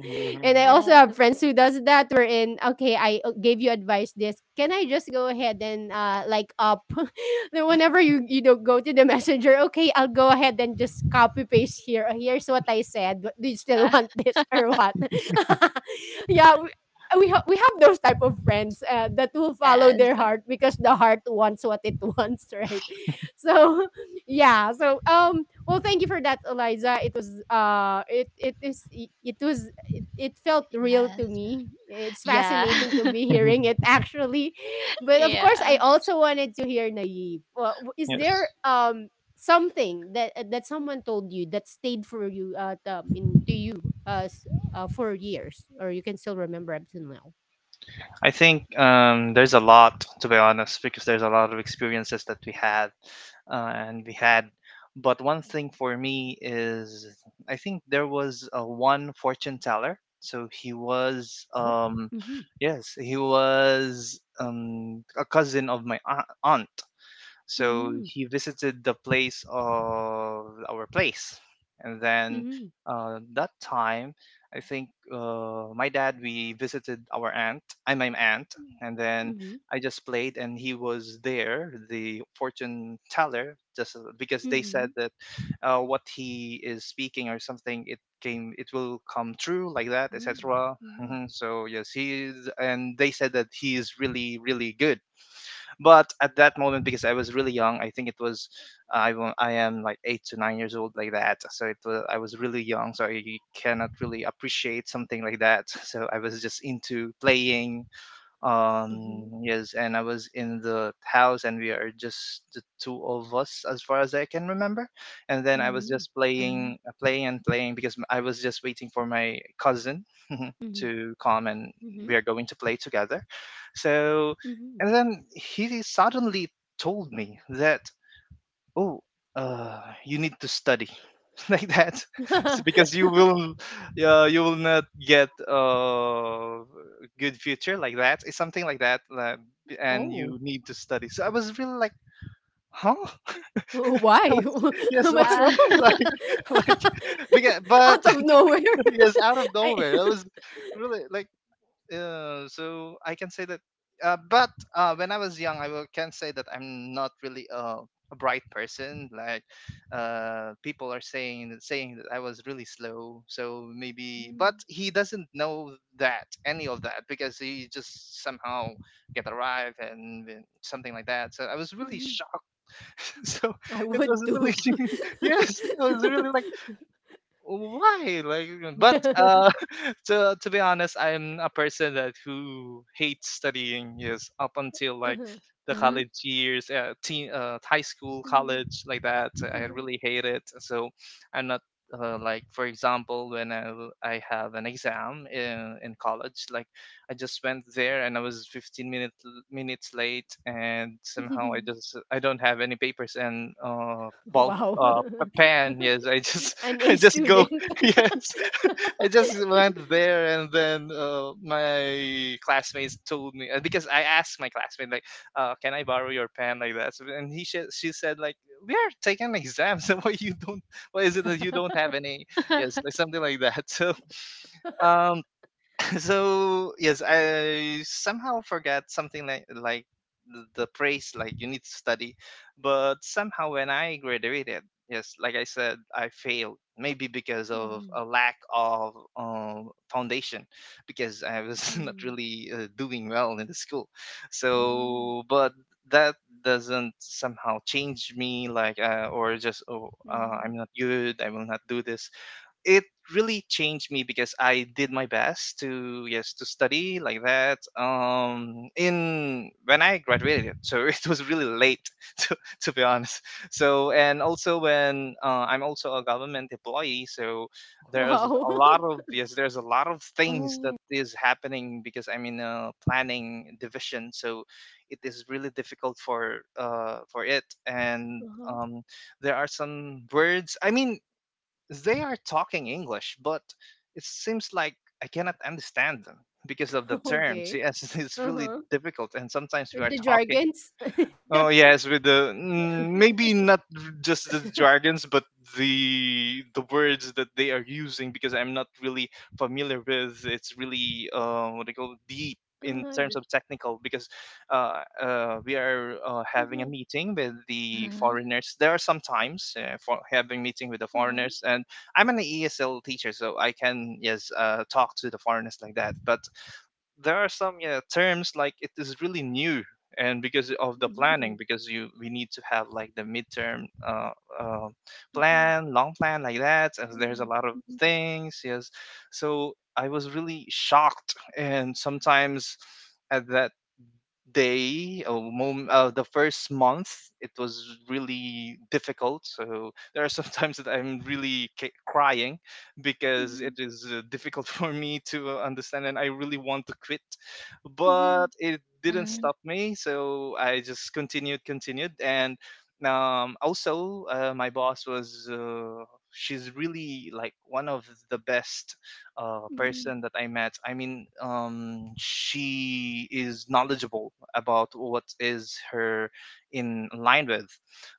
Speaker 1: And I also
Speaker 2: Yeah.
Speaker 1: have friends who does that, where in, okay, I, gave you advice this. Can I just go ahead and, like, up? Then whenever you don't go to the messenger, okay, I'll go ahead and just copy paste here. Here's what I said. Do you
Speaker 2: Yeah.
Speaker 1: still want this or what? Yeah, we have those type of friends, that will follow
Speaker 2: Yes.
Speaker 1: their heart because the heart wants what it wants, right? So, yeah, so, well, thank you for that, Eliza. It was, it it is it it was it, it felt real to
Speaker 2: Yes.
Speaker 1: me. It's
Speaker 2: Yeah.
Speaker 1: fascinating to be hearing it, actually. But of course,
Speaker 2: Yeah.
Speaker 1: I also wanted to hear Naive. Well, is
Speaker 3: Yes.
Speaker 1: there something that, that someone told you, that stayed for you, in to you, uh, s- for years, or you can still remember up till now.
Speaker 3: I think there's a lot, to be honest, because there's a lot of experiences that we had uh, and we had. But one thing for me is I think there was a one fortune teller.
Speaker 1: Oh. Mm-hmm.
Speaker 3: Yes, he was a cousin of my aunt. So
Speaker 1: Mm-hmm.
Speaker 3: he visited the place of our place, and then
Speaker 1: Mm-hmm.
Speaker 3: that time, I think my dad we visited our aunt. I my aunt, and then I just played, and he was there, the fortune teller, just because they said
Speaker 1: Mm-hmm.
Speaker 3: that what he is speaking or something, it came, it will come true like that,
Speaker 1: Mhm,
Speaker 3: etc.
Speaker 1: mhm,
Speaker 3: Mhm. So yes, he is, and they said that he is really, really good, but at that moment, because I was really young, I think it was I am like 8 to 9 years old, like that. So it was I was really young, so I cannot really appreciate something like that. So I was just into playing, um,
Speaker 1: mhm,
Speaker 3: yes, and I was in the house and we are just the two of us as far as I can remember, and then I was just
Speaker 1: mhm,
Speaker 2: Mhm.
Speaker 3: playing because I was just waiting for my cousin
Speaker 1: mhm,
Speaker 3: to come and
Speaker 1: mhm,
Speaker 3: we are going to play together. So,
Speaker 1: mhm.
Speaker 3: and then he suddenly told me that, oh, uh, you need to study like that. Because you will not get a good future like that, it's something like that, like, and
Speaker 1: Oh,
Speaker 3: you need to study. So I was really like, huh?
Speaker 1: w
Speaker 3: I
Speaker 1: why?
Speaker 3: was- yes What?
Speaker 1: What's
Speaker 2: Yeah.
Speaker 1: wrong?
Speaker 3: like like beca- but
Speaker 1: Out of nowhere.
Speaker 3: yes, out of
Speaker 1: I.
Speaker 3: nowhere I was really like, so I can say that. But when I was young, I will, can say that I'm not really a bright person. Like people are saying that I was really slow. So maybe, but
Speaker 1: Mm,
Speaker 3: he doesn't know that any of that because he just somehow get arrived and then something like that. So I was really
Speaker 1: mhm.
Speaker 3: shocked. So
Speaker 1: I
Speaker 3: it
Speaker 1: would
Speaker 3: was really
Speaker 1: too.
Speaker 3: yes, I was really like, why, like, but to be honest, I'm a person that who hates studying, yes, up until like
Speaker 1: Uh-huh,
Speaker 3: the
Speaker 2: Mhm.
Speaker 3: college years, high school,
Speaker 1: uh-huh,
Speaker 3: college, like that, I
Speaker 1: uh-huh.
Speaker 3: really hate it. So I'm not like for example when I have an exam in college, like, I just went there and I was 15 minutes late, and somehow I just I don't have any papers and ball
Speaker 1: Wow.
Speaker 3: pen. Yes, I just
Speaker 1: An A
Speaker 3: I just go
Speaker 1: student.
Speaker 3: yes I just went there. And then my classmates told me because I asked my classmate, like, can I borrow your pen like that. So, and she said like, we are taking exams. So why you don't, why is it that you don't have any? Yes, like something like that. So um so yes, I somehow forgot something like the praise like you need to study, but somehow when I graduated, yes, like I said, I failed. Maybe because of
Speaker 1: Mhm,
Speaker 3: a lack of foundation, because I was not
Speaker 1: mhm,
Speaker 3: really doing well in the school.
Speaker 1: mhm,
Speaker 3: So, but that doesn't somehow change me like, or just, oh, I'm
Speaker 1: mhm.
Speaker 3: not good, I will not do this. It really changed me because I did my best to yes to study like that. In when I graduated, so it was really late to to be honest. So, and also when I'm also a government employee, so there's
Speaker 1: Wow.
Speaker 3: a lot of yes there's a lot of things that
Speaker 2: Oh.
Speaker 3: is happening because I'm in a planning division, so it is really difficult for it. And
Speaker 1: Uh-huh.
Speaker 3: um, there are some words, I mean, they are talking English, but it seems like I cannot understand them because of the terms.
Speaker 1: Okay.
Speaker 3: Yes, it's really
Speaker 1: Uh-huh.
Speaker 3: difficult. And sometimes we are
Speaker 1: The
Speaker 3: talking.
Speaker 1: jargons?
Speaker 3: Oh yes, with the mm, maybe not just the jargons, but the words that they are using because I'm not really familiar with. It's really what they call
Speaker 1: Uh-huh,
Speaker 3: deep
Speaker 1: the,
Speaker 3: in terms of technical because we are
Speaker 1: uh-huh,
Speaker 3: having a meeting with the
Speaker 2: Mhm.
Speaker 3: foreigners. There are sometimes for having meeting with the
Speaker 1: uh-huh.
Speaker 3: foreigners, and I'm an ESL teacher, so I can yes talk to the foreigners like that. But there are some, yeah, terms like it is really new and because of the
Speaker 1: Yeah.
Speaker 3: planning because you we need to have like the midterm uh,
Speaker 1: Uh-huh,
Speaker 3: plan, long plan like that, and
Speaker 1: yeah.
Speaker 3: there's a lot of things, yes. So I was really shocked, and sometimes at that the first month it was really difficult. So there are some times that I'm really crying
Speaker 1: Mhm,
Speaker 3: because it
Speaker 1: mhm,
Speaker 3: is difficult for me to understand, and I really want to quit, but
Speaker 1: mhm,
Speaker 3: it didn't
Speaker 2: Mhm.
Speaker 3: stop me. So I just continued, and also my boss was she's really like one of the best
Speaker 1: mhm.
Speaker 3: person that I met. She is knowledgeable about what is her in line with,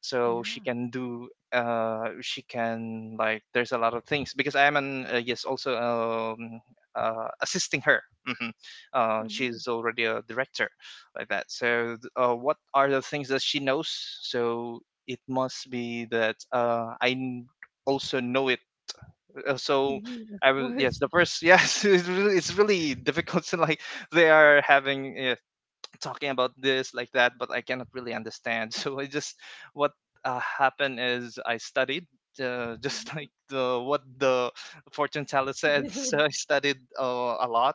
Speaker 3: so she
Speaker 1: Yeah.
Speaker 3: can do she can, like, there's a lot of things because I am an yes, also, um assisting her. hmm
Speaker 1: Mhm,
Speaker 3: she's already a director like that. So what are the things that she knows, so it must be that also know it. So
Speaker 1: mhm. Of
Speaker 3: I will, yes,
Speaker 1: course.
Speaker 3: the first, yes, it's really difficult to like, they are having, yes, talking about this like that, but I cannot really understand. So I just, what happened is I studied, just like
Speaker 1: Mhm.
Speaker 3: the, what the fortune teller said. So I studied a lot,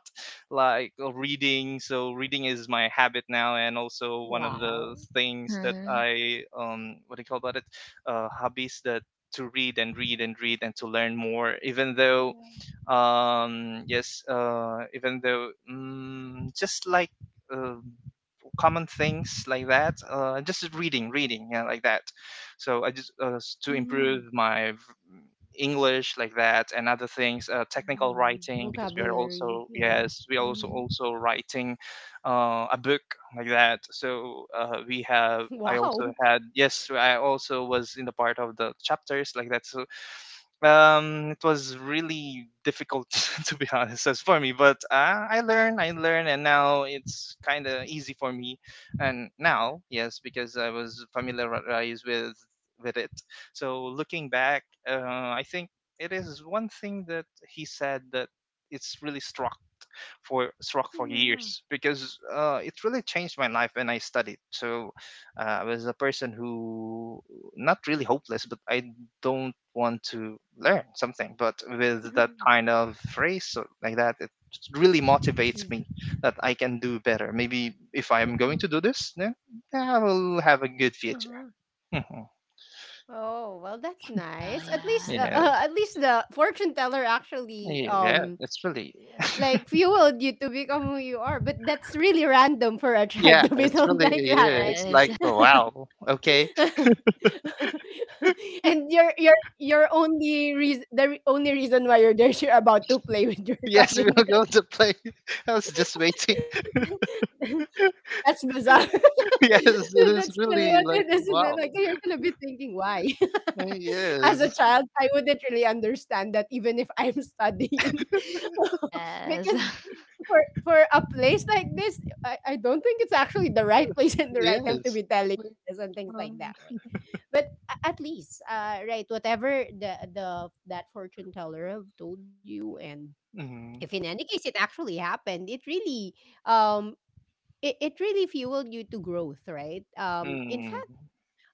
Speaker 3: like reading. So reading is my habit now, and also one of the
Speaker 1: Wow.
Speaker 3: things that
Speaker 2: Mhm.
Speaker 3: I what do you call about it hobbies, that to read and read and read and to learn more, even though
Speaker 1: Yeah.
Speaker 3: yes, even though just like uh, common things like that. Just reading, reading, yeah, like that. So I just, to
Speaker 1: Mhm.
Speaker 3: improve my English like that, and other things,
Speaker 1: Yeah.
Speaker 3: technical writing, because
Speaker 1: Vocabulary.
Speaker 3: we are
Speaker 1: Yeah.
Speaker 3: also,
Speaker 1: Mhm.
Speaker 3: yes, we are also writing a book like that. So we have, I
Speaker 1: Wow.
Speaker 3: also had, yes, I also was in the part of the chapters like that. So it was really difficult to be honest, as for me, but I learn, I learn, and now it's kind of easy for me. And now, yes, because I was familiarized with it. So looking back, I think it is one thing that he said, that it's really struck for
Speaker 1: Yeah.
Speaker 3: years, because it really changed my life when I studied. So I was a person who, not really hopeless, but I don't want to learn something. But with that kind
Speaker 1: Yeah.
Speaker 3: of phrase or like that, it really
Speaker 1: Yeah.
Speaker 3: motivates me that I can do better. Maybe
Speaker 1: Uh-huh.
Speaker 3: if I am going to do this, then I will have a good
Speaker 1: Uh-huh.
Speaker 3: future. Mhm.
Speaker 1: Oh, well, that's nice.
Speaker 2: Well,
Speaker 1: At least,
Speaker 2: yeah.
Speaker 1: at
Speaker 3: Yes.
Speaker 1: least the fortune teller actually,
Speaker 3: Yeah, yeah, it's really,
Speaker 1: like, fueled you to become who you are. But that's really random for a child
Speaker 3: yeah,
Speaker 1: to be
Speaker 3: it's
Speaker 1: told
Speaker 3: really,
Speaker 1: like that,
Speaker 3: yeah,
Speaker 1: right?
Speaker 3: it's
Speaker 2: Yes.
Speaker 3: like, wow, okay,
Speaker 1: And your only reason, the only reason why you're there, is you're about to play with your
Speaker 3: yes, we will
Speaker 1: cousin.
Speaker 3: go
Speaker 1: right?
Speaker 3: to play. I was just waiting.
Speaker 1: That's bizarre.
Speaker 3: Yes, it
Speaker 1: That's
Speaker 3: is
Speaker 1: really
Speaker 3: really
Speaker 1: what it
Speaker 3: like,
Speaker 1: is, and then,
Speaker 3: wow.
Speaker 1: like, you're gonna be thinking, "Why?" As a
Speaker 3: Yes,
Speaker 1: child, I wouldn't really understand that even if I'm studying.
Speaker 2: Yes.
Speaker 1: Because for a place like this, I don't think it's actually the right place and the right time to
Speaker 3: yes.
Speaker 1: be telling
Speaker 3: Like,
Speaker 1: this and things like
Speaker 3: um,
Speaker 1: that, right? But a at least, right, whatever the that fortune teller have told you, and
Speaker 3: mm,
Speaker 1: if in any case it actually happened, it really, um it really fueled you to growth, right? In
Speaker 3: mm,
Speaker 1: fact,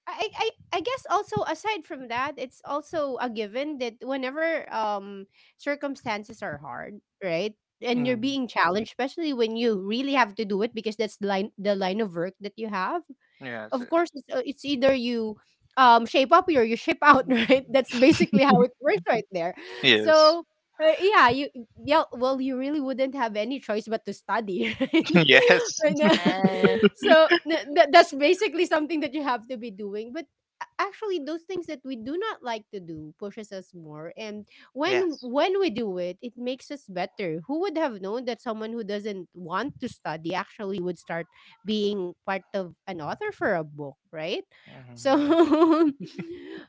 Speaker 1: I guess also, aside from that, it's also a given that whenever circumstances are hard, right? And you're
Speaker 3: mm.
Speaker 1: being challenged, especially when you really have to do it, because that's the line of work that you have.
Speaker 3: Yes,
Speaker 1: Of course, it's either you shape up or you shape out, right? That's basically how it works right there.
Speaker 3: yes, yes,
Speaker 1: So, yeah, you yeah, well, you really wouldn't have any choice but to study, right?
Speaker 3: yes,
Speaker 1: And,
Speaker 2: Yes.
Speaker 1: so that's basically something that you have to be doing. But actually, those things that we do not like to do pushes us more, and when
Speaker 3: yes,
Speaker 1: when we do it, it makes us better. Who would have known that someone who doesn't want to study actually would start being part of an author for a book, right? So
Speaker 3: mm,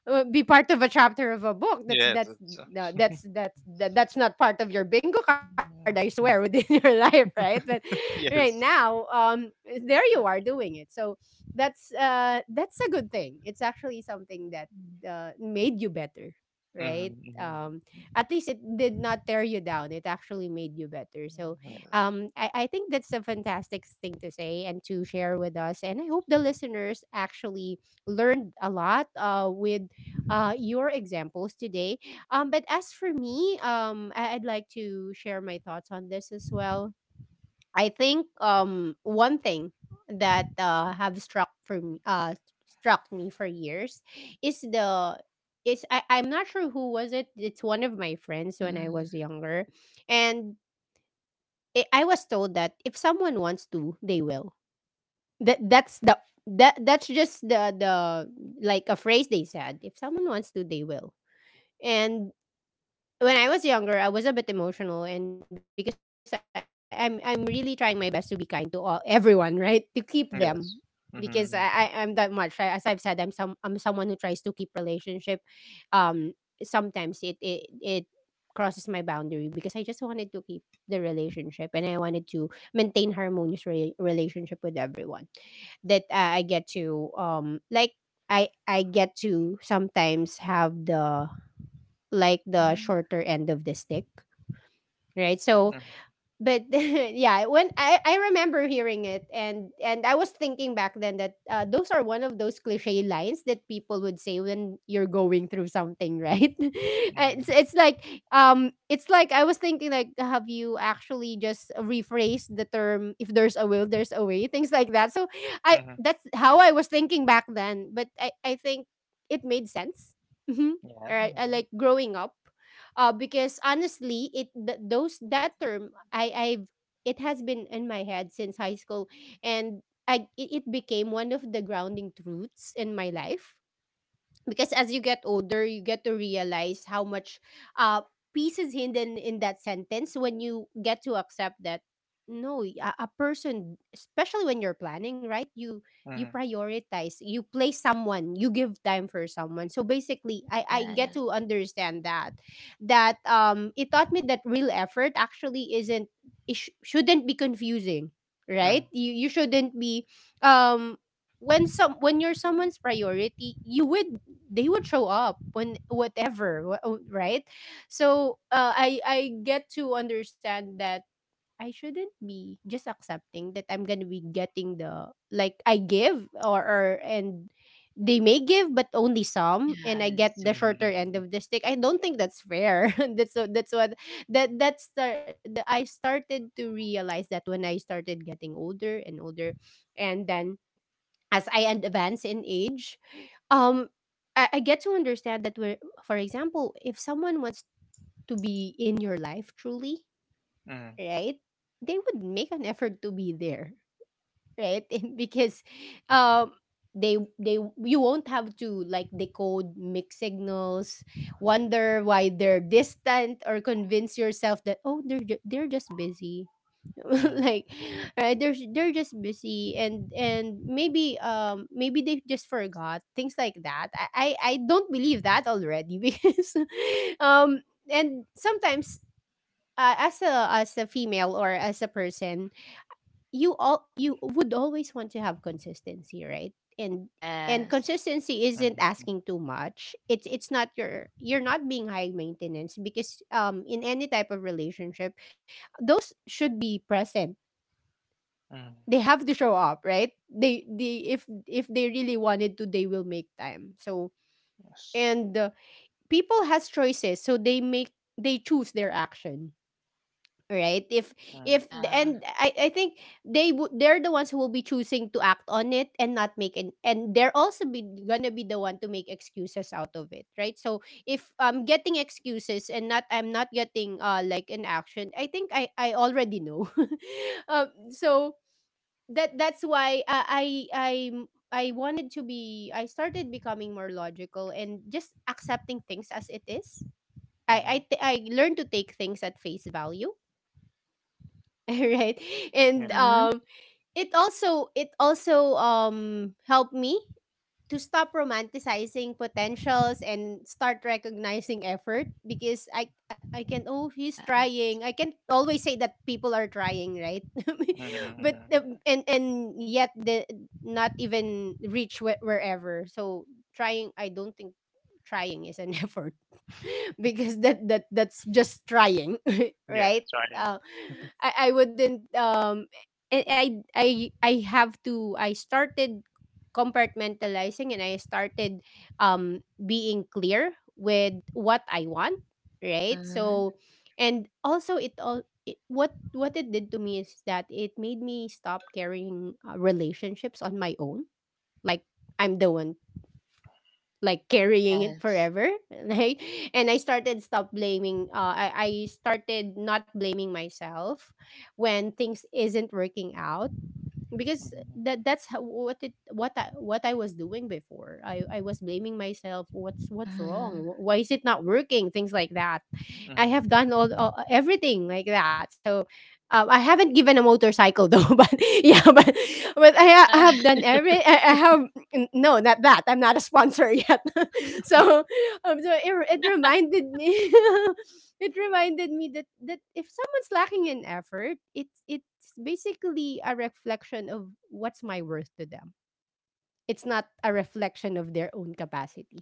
Speaker 1: be part of a chapter of a book. That's
Speaker 3: yes.
Speaker 1: that's
Speaker 3: It's,
Speaker 1: no, that's not part of your bingo card, I swear, within
Speaker 3: mm,
Speaker 1: your life, right? But right
Speaker 3: yes.
Speaker 1: now, there you are doing it. So that's a good thing. It's actually something that made you better, right?
Speaker 3: Mm, mm,
Speaker 1: At least it did not tear you down. It actually made you better. So
Speaker 3: yes.
Speaker 1: I think that's a fantastic thing to say and to share with us, and I hope the listeners actually learned a lot with your examples today. But as for me, I'd like to share my thoughts on this as well. I think one thing that have struck for me, struck me for years, is the is I'm not sure who was it. It's one of my friends when I was
Speaker 2: Mm-hmm.
Speaker 1: younger. And I was told that if someone wants to, they will. That that's the that's just the like a phrase they said. If someone wants to, they will. And when I was younger, I was a bit emotional, and because I'm really trying my best to be kind to all everyone, right? To keep them, because
Speaker 3: Yes.
Speaker 1: I'm that
Speaker 3: Mm-hmm.
Speaker 1: much. As I've said, I'm someone who tries to keep relationship. Um, sometimes it crosses my boundary, because I just wanted to keep the relationship, and I wanted to maintain harmonious relationship with everyone, that I get to, like, I get to sometimes have the like the
Speaker 2: Hmm.
Speaker 1: shorter end of the stick, right? So
Speaker 3: Mm-hmm.
Speaker 1: but yeah, when I remember hearing it, and I was thinking back then that, those are one of those cliche lines that people would say when you're going through something, right? And it's like, it's like I was thinking, like, have you actually just rephrased the term, if there's a will there's a way, things like that? So I
Speaker 3: Mm-hmm. Mm-hmm.
Speaker 1: that's how I was thinking back then, but I think it made sense. Mm-hmm.
Speaker 3: Yeah.
Speaker 1: All right, I, like, growing up, because honestly, those that term I I've it has been in my head since high school. And it became one of the grounding truths in my life, because as you get older you get to realize how much uh peace is hidden in that sentence when you get to accept that. No, a person, especially when you're planning, right, you
Speaker 3: Mm-hmm. Mm-hmm.
Speaker 1: prioritize, you place someone, you give time for someone. So basically I get
Speaker 2: Yes.
Speaker 1: to understand that, that it taught me that real effort actually isn't it sh- shouldn't be confusing, right? You shouldn't be, um when some when you're someone's priority, you would, they would show up when whatever, right? So I get to understand that I shouldn't be just accepting that I'm gonna be getting the, like, I give, or and they may give but only some, and I get
Speaker 2: Yes.
Speaker 1: the
Speaker 3: Mm-hmm. Mm-hmm.
Speaker 1: shorter end of the stick. I don't think that's fair. That that's the I started to realize that when I started getting older and older. And then, as I advance in age, um, I get to understand that we're, for example, if someone wants to be in your life truly,
Speaker 3: Mm-hmm.
Speaker 1: right, they would make an effort to be there, right. And because, um, they you won't have to, like, decode mixed signals, wonder why they're distant, or convince yourself that, oh, they're just busy. Like,
Speaker 3: Mm-hmm.
Speaker 1: right, they're just busy, and maybe, maybe they just forgot, things like that. I don't believe that already, because, um and sometimes, as a female, or as a person, you would always want to have consistency, right? And
Speaker 2: Yes.
Speaker 1: consistency isn't
Speaker 3: Mm-hmm.
Speaker 1: asking too much. It's not your you're not being high maintenance, because, in any type of relationship those should be present.
Speaker 3: Mm,
Speaker 1: They have to show up, right? They If they really wanted to, they will make time. So,
Speaker 3: yes.
Speaker 1: and people has choices, so they choose their action, right?
Speaker 3: Mm,
Speaker 1: If
Speaker 2: Yeah.
Speaker 1: and I think they would, the ones who will be choosing to act on it, and not make an— and they're also be gonna be the one to make excuses out of it, right? So if I'm getting excuses, and not I'm not getting like an action, I think I already know. So that's why, I wanted to be— I started becoming more logical and just accepting things as it is. I
Speaker 3: mhm,
Speaker 1: I t- I learned to take things at face value, right?
Speaker 3: yeah.
Speaker 1: And,
Speaker 2: Mm-hmm.
Speaker 1: it also, it also, helped me to stop romanticizing potentials and start recognizing effort, because I can— oh, he's
Speaker 2: Yes.
Speaker 1: trying. I can always say that people are trying, right?
Speaker 3: Mm,
Speaker 1: But and yet the, not even reach wherever. So trying— I don't think trying is an effort, because that's just trying,
Speaker 3: yeah,
Speaker 1: right?
Speaker 3: sorry.
Speaker 1: I wouldn't, I I I I have to— I started compartmentalizing, and I started, being clear with what I want, right?
Speaker 2: Mm-hmm.
Speaker 1: So, and also, what it did to me is that it made me stop carrying, relationships on my own. Like, I'm the one, like, carrying it
Speaker 2: Yes.
Speaker 1: forever, right? And I started not blaming myself when things isn't working out, because
Speaker 3: Mm,
Speaker 1: what I was doing before. I was blaming myself. What's wrong?
Speaker 2: Mm-hmm.
Speaker 1: Why is it not working? Things like that. I
Speaker 3: mm,
Speaker 1: have done all everything like that. So, I haven't given a motorcycle though, but yeah, but I
Speaker 2: Yeah.
Speaker 1: have done every. I have— no, not that. I'm not a sponsor yet. So, so it reminded me. It reminded me that if someone's lacking in effort, it's basically a reflection of what's my worth to them. It's not a reflection of their own capacity.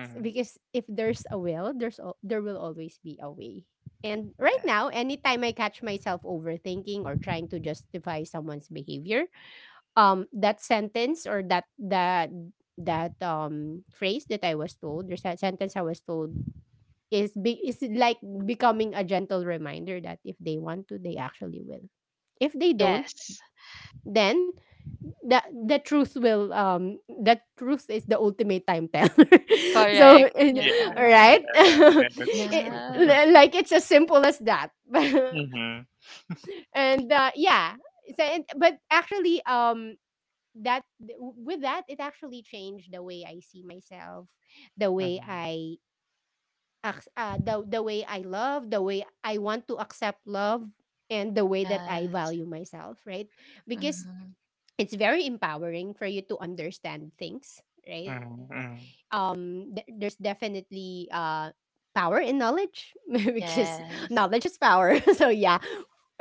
Speaker 1: Because if there's a will, there will always be a way. And
Speaker 3: yeah,
Speaker 1: right now, anytime I catch myself overthinking or trying to justify someone's behavior, that sentence, or that that that phrase that I was told, the sentence I was told, is like becoming a gentle reminder that if they want to, they actually will. If they don't,
Speaker 3: yes.
Speaker 2: Yes.
Speaker 1: then the truth is the ultimate time teller. So
Speaker 2: Correct. Yes.
Speaker 3: Yeah,
Speaker 1: all right,
Speaker 3: yeah, yes.
Speaker 2: Yes.
Speaker 1: Like, it's as simple as that.
Speaker 3: Mm-hmm,
Speaker 1: And, yeah, so, but actually, that with that, it actually changed the way I see myself, the
Speaker 3: mm-hmm,
Speaker 1: way I— acc the way I love, the way I want to accept love, and the way that I
Speaker 2: Yes.
Speaker 1: value myself, right? Because
Speaker 2: Mm-hmm.
Speaker 1: it's very empowering for you to understand things, right?
Speaker 3: mm-hmm,
Speaker 1: There's definitely power in knowledge because
Speaker 2: Yes.
Speaker 1: knowledge is power. so yeah,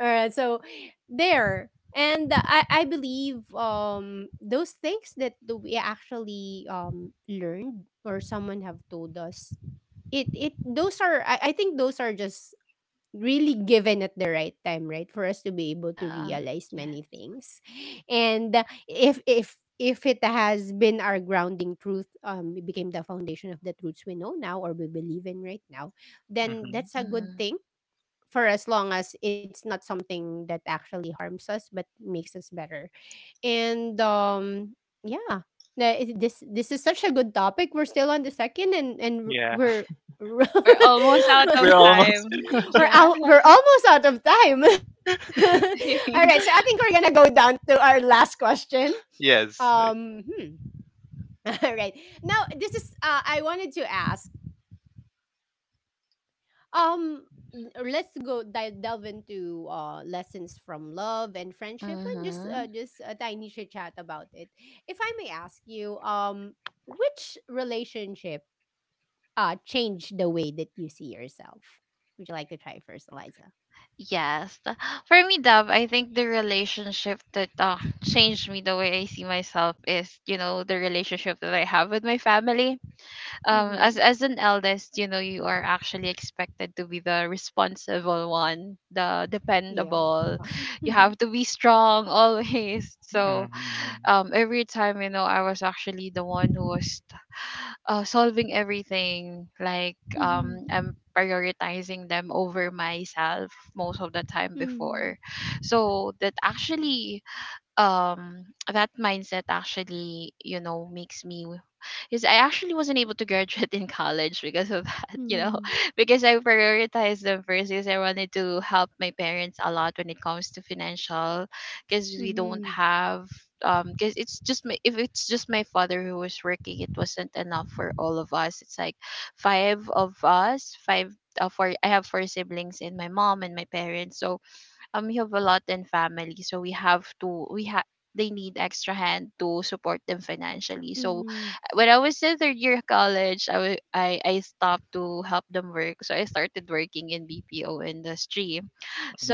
Speaker 1: so there. And I believe those things that we actually learned or someone have told us it it those are I think those are just really given at the right time, right, for us to be able to
Speaker 2: Yeah.
Speaker 1: realize
Speaker 2: Yes.
Speaker 1: many things. And if it has been our grounding truth, it became the foundation of the truths we know now or we believe in right now, then that's
Speaker 3: mm-hmm,
Speaker 1: a
Speaker 2: Mm-hmm.
Speaker 1: good thing, for as long as it's not something that actually harms us but makes us better. And Yeah. This is such a good topic. We're still on the second and
Speaker 3: yeah.
Speaker 1: we're,
Speaker 2: We're almost out of
Speaker 3: We're almost,
Speaker 2: time. Yeah.
Speaker 1: we're almost out of time. All right, so I think we're gonna go down to our last question.
Speaker 3: yes. Like,
Speaker 1: Um hmm. All right. Now this is I wanted to ask. Um, let's go delve into lessons from love and friendship, and
Speaker 2: Mm-hmm.
Speaker 1: just a tiny chit chat about it. If I may ask you, which relationship changed the way that you see yourself? Would you like to try first, Eliza?
Speaker 2: Yes. For me, Dub, I think the relationship that changed me the way I see myself is, you know, the relationship that I have with my family. As
Speaker 1: Mm-hmm.
Speaker 2: as an eldest, you know, you are actually expected to be the responsible one, the
Speaker 1: Yeah.
Speaker 2: dependable. You have to be strong always. So,
Speaker 3: mm-hmm,
Speaker 2: every time, you know, I was actually the one who was solving everything, like
Speaker 1: Mm-hmm.
Speaker 2: I'm prioritizing them over myself most of the time
Speaker 1: Mm-hmm.
Speaker 2: before. So that actually, um that mindset actually, you know, makes me, because I actually wasn't able to graduate in college because of that, you know,
Speaker 1: Mm-hmm.
Speaker 2: because I prioritized them first, because I wanted to help my parents a lot when it comes to financial, because we don't
Speaker 1: Mhm.
Speaker 2: have, because it's just my, if it's just my father who was working, it wasn't enough for all of us. It's like five of us, five. For I have four siblings and my mom and my parents. So we have a lot in family, so we have to we have they need extra hand to support them financially. So
Speaker 1: Mhm.
Speaker 2: when I was in third year of college, I wa- I stopped to help them work. So I started working in BPO industry.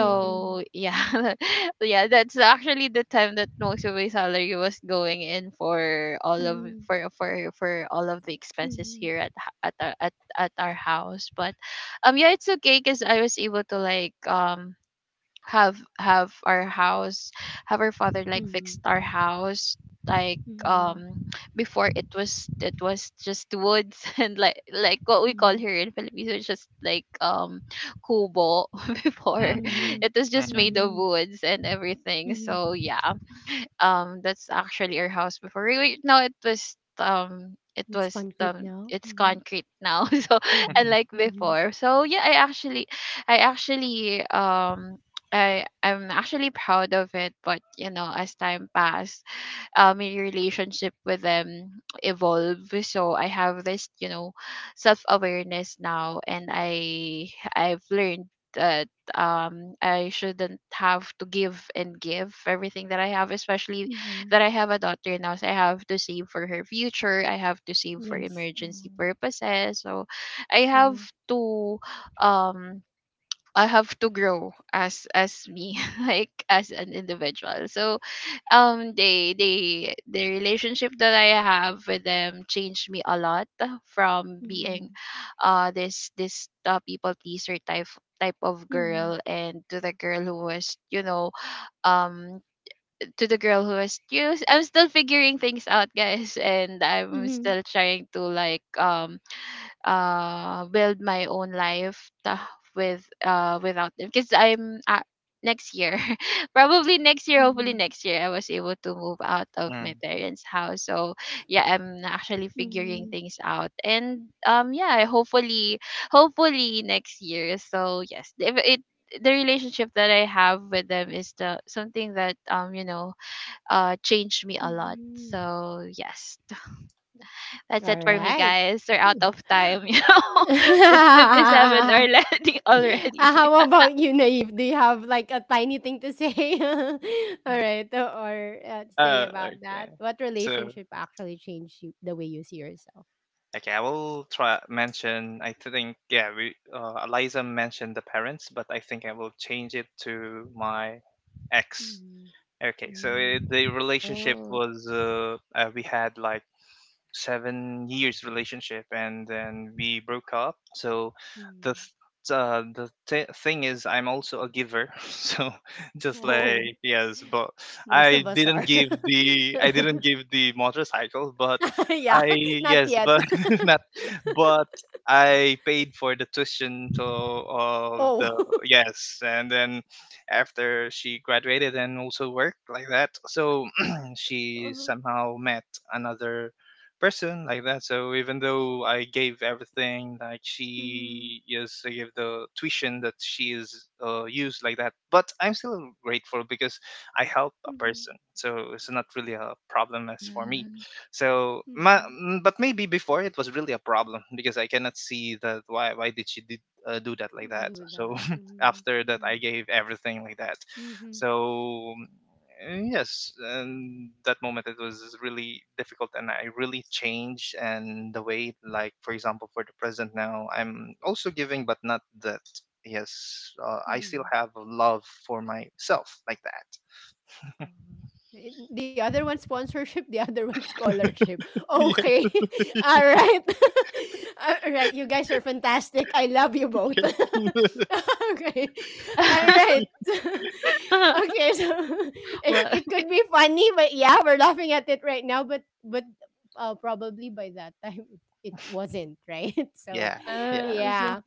Speaker 1: Mhm.
Speaker 2: yeah yeah that's actually the time that most of my salary was going in for all of
Speaker 1: Mhm.
Speaker 2: for for for all of the expenses here at h- at our house. But yeah, it's okay, because I was able to like have our house, have our father like fixed
Speaker 1: Mhm.
Speaker 2: our house. Like,
Speaker 1: Mhm.
Speaker 2: before it was just woods and like what we call here
Speaker 1: Mhm.
Speaker 2: in Philippines, it's just like kubo before.
Speaker 3: mm-hmm, mm-hmm,
Speaker 2: It
Speaker 1: Mhm.
Speaker 2: was just
Speaker 1: Mhm.
Speaker 2: made
Speaker 3: mm-hmm,
Speaker 2: of
Speaker 1: Mhm.
Speaker 2: woods and everything.
Speaker 1: Mhm.
Speaker 2: So yeah, that's actually our house before. No, it was um it
Speaker 1: It's
Speaker 2: was um
Speaker 1: concrete now.
Speaker 2: it's
Speaker 1: Mhm.
Speaker 2: concrete now so
Speaker 3: mm-hmm.
Speaker 1: Mhm.
Speaker 2: unlike
Speaker 1: Mhm.
Speaker 2: before. So yeah, i actually um I'm actually proud of it, but you know, as time passed, my relationship with them evolve. So I have this, you know, self awareness now, and I've learned that I shouldn't have to give and give everything that I have, especially
Speaker 1: Mhm.
Speaker 2: that I have a daughter now. So I have to save for her future, I have to save for
Speaker 1: Yes.
Speaker 2: emergency
Speaker 1: Mm.
Speaker 2: purposes. So I have
Speaker 1: True.
Speaker 2: to um I have to grow as me like as an individual. So the relationship that I have with them changed me a lot, from being
Speaker 1: Mhm.
Speaker 2: this people pleaser type of girl,
Speaker 1: Mhm.
Speaker 2: and um to the girl who was you I'm still figuring things out, guys. And I'm still
Speaker 1: Mhm.
Speaker 2: trying to like build my own life, ta- with without them, because I'm, next year probably next year,
Speaker 1: Mhm.
Speaker 2: hopefully next year I was able to move out of
Speaker 3: Mm.
Speaker 2: my parents house. So yeah, I'm actually
Speaker 1: Mhm.
Speaker 2: figuring things out, and yeah, hopefully, next year. So yes, if it the relationship that I have with them is the something that, you know, changed me a lot.
Speaker 1: Mhm.
Speaker 2: So yes, that's it
Speaker 1: All
Speaker 2: for me,
Speaker 1: right.
Speaker 2: guys. We're out of time. You know, it's 57 already. Already.
Speaker 1: How about you, Naive? Do you have like a tiny thing to say? All right, or, to say about
Speaker 3: Okay.
Speaker 1: that? What
Speaker 3: So,
Speaker 1: relationship actually changed you, the way you see yourself?
Speaker 3: okay, I will try mention. I think, yeah, we, Eliza mentioned the parents, but I think I will change it to my ex.
Speaker 1: Mm,
Speaker 3: Okay, so
Speaker 1: mm,
Speaker 3: the relationship
Speaker 2: Oh.
Speaker 3: was we had like 7 years relationship, and then we broke up. So the
Speaker 1: mm.
Speaker 3: th- thing is I'm also a giver so, just like,
Speaker 1: Oh,
Speaker 3: yes, but
Speaker 1: most of us are.
Speaker 3: I didn't give the motorcycle, but
Speaker 1: Yeah,
Speaker 3: I
Speaker 1: not
Speaker 3: yes,
Speaker 1: yet.
Speaker 3: but not, but I paid for the tuition to of the,
Speaker 1: Oh.
Speaker 3: yes. And then after she graduated and also worked like that, so she
Speaker 1: Uh-huh.
Speaker 3: somehow met another person like that. So even though I gave everything, like
Speaker 1: Mm-hmm.
Speaker 3: she, yes, I gave the tuition that she is used like that, but I'm still grateful because I help a
Speaker 1: Mm-hmm.
Speaker 3: person. So it's not really a problem as for me.
Speaker 2: Mhm.
Speaker 3: So my,
Speaker 1: Mm-hmm.
Speaker 3: mm, but maybe before it was really a problem because I cannot see that why did she did. Do that like that.
Speaker 1: Do
Speaker 3: So
Speaker 1: that.
Speaker 3: after that, I
Speaker 1: Mm.
Speaker 3: gave everything like that.
Speaker 1: Mm-hmm.
Speaker 3: So, and yes, and that moment it was really difficult, and I really changed. And the way, like for example, for the present now, I'm also giving, but not that. Yes, I still
Speaker 1: Mm-hmm.
Speaker 3: have love for myself like that.
Speaker 1: Uh, eh, the other one sponsorship, the other one scholarship. Okay.
Speaker 3: Yeah.
Speaker 1: All right. All right. You guys are fantastic. I love you both. Okay.
Speaker 2: Uh,
Speaker 1: All right. Okay. So, it,
Speaker 2: well,
Speaker 1: it could be funny, but yeah, we're laughing at it right now. But probably by that time it wasn't right. So
Speaker 3: Yeah, yeah.
Speaker 2: yes,
Speaker 1: yeah.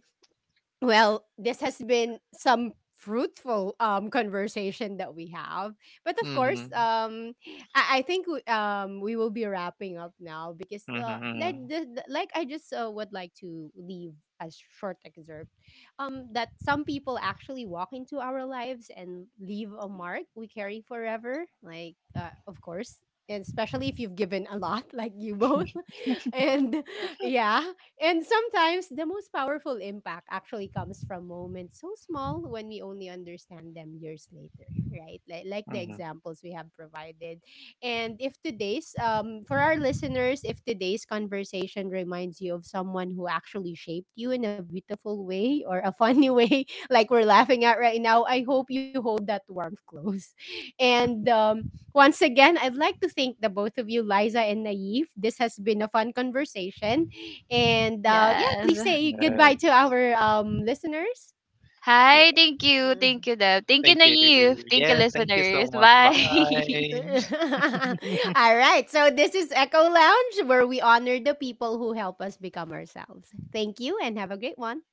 Speaker 1: Well, this has been some fruitful conversation that we have. But of
Speaker 3: Mhm,
Speaker 1: course, I think we will be wrapping up now because,
Speaker 3: mhm,
Speaker 1: like, I just would like to leave a short excerpt, that some people actually walk into our lives and leave a mark we carry forever. Like, of course. And especially if you've given a lot, like you both. And yeah. And sometimes the most powerful impact actually comes from moments so small when we only understand them years later, right? Like the
Speaker 3: mhm.
Speaker 1: examples we have provided. And if today's, for our listeners, if today's conversation reminds you of someone who actually shaped you in a beautiful way or a funny way, like we're laughing at right now, I hope you hold that warmth close. And once again, I'd like to thank the both of you, Liza and Naif. This has been a fun conversation, and yeah,
Speaker 2: yes.
Speaker 1: please say goodbye to
Speaker 3: Yes.
Speaker 1: our listeners.
Speaker 2: Hi,
Speaker 3: Yeah.
Speaker 2: thank you, Deb. Thank you,
Speaker 3: Thank you.
Speaker 2: Naive. Thank you,
Speaker 3: Yes. Thank you so
Speaker 2: listeners.
Speaker 3: much.
Speaker 2: Bye.
Speaker 3: Bye.
Speaker 1: All right. So this is Echo Lounge, where we honor the people who help us become ourselves. Thank you and have a great one.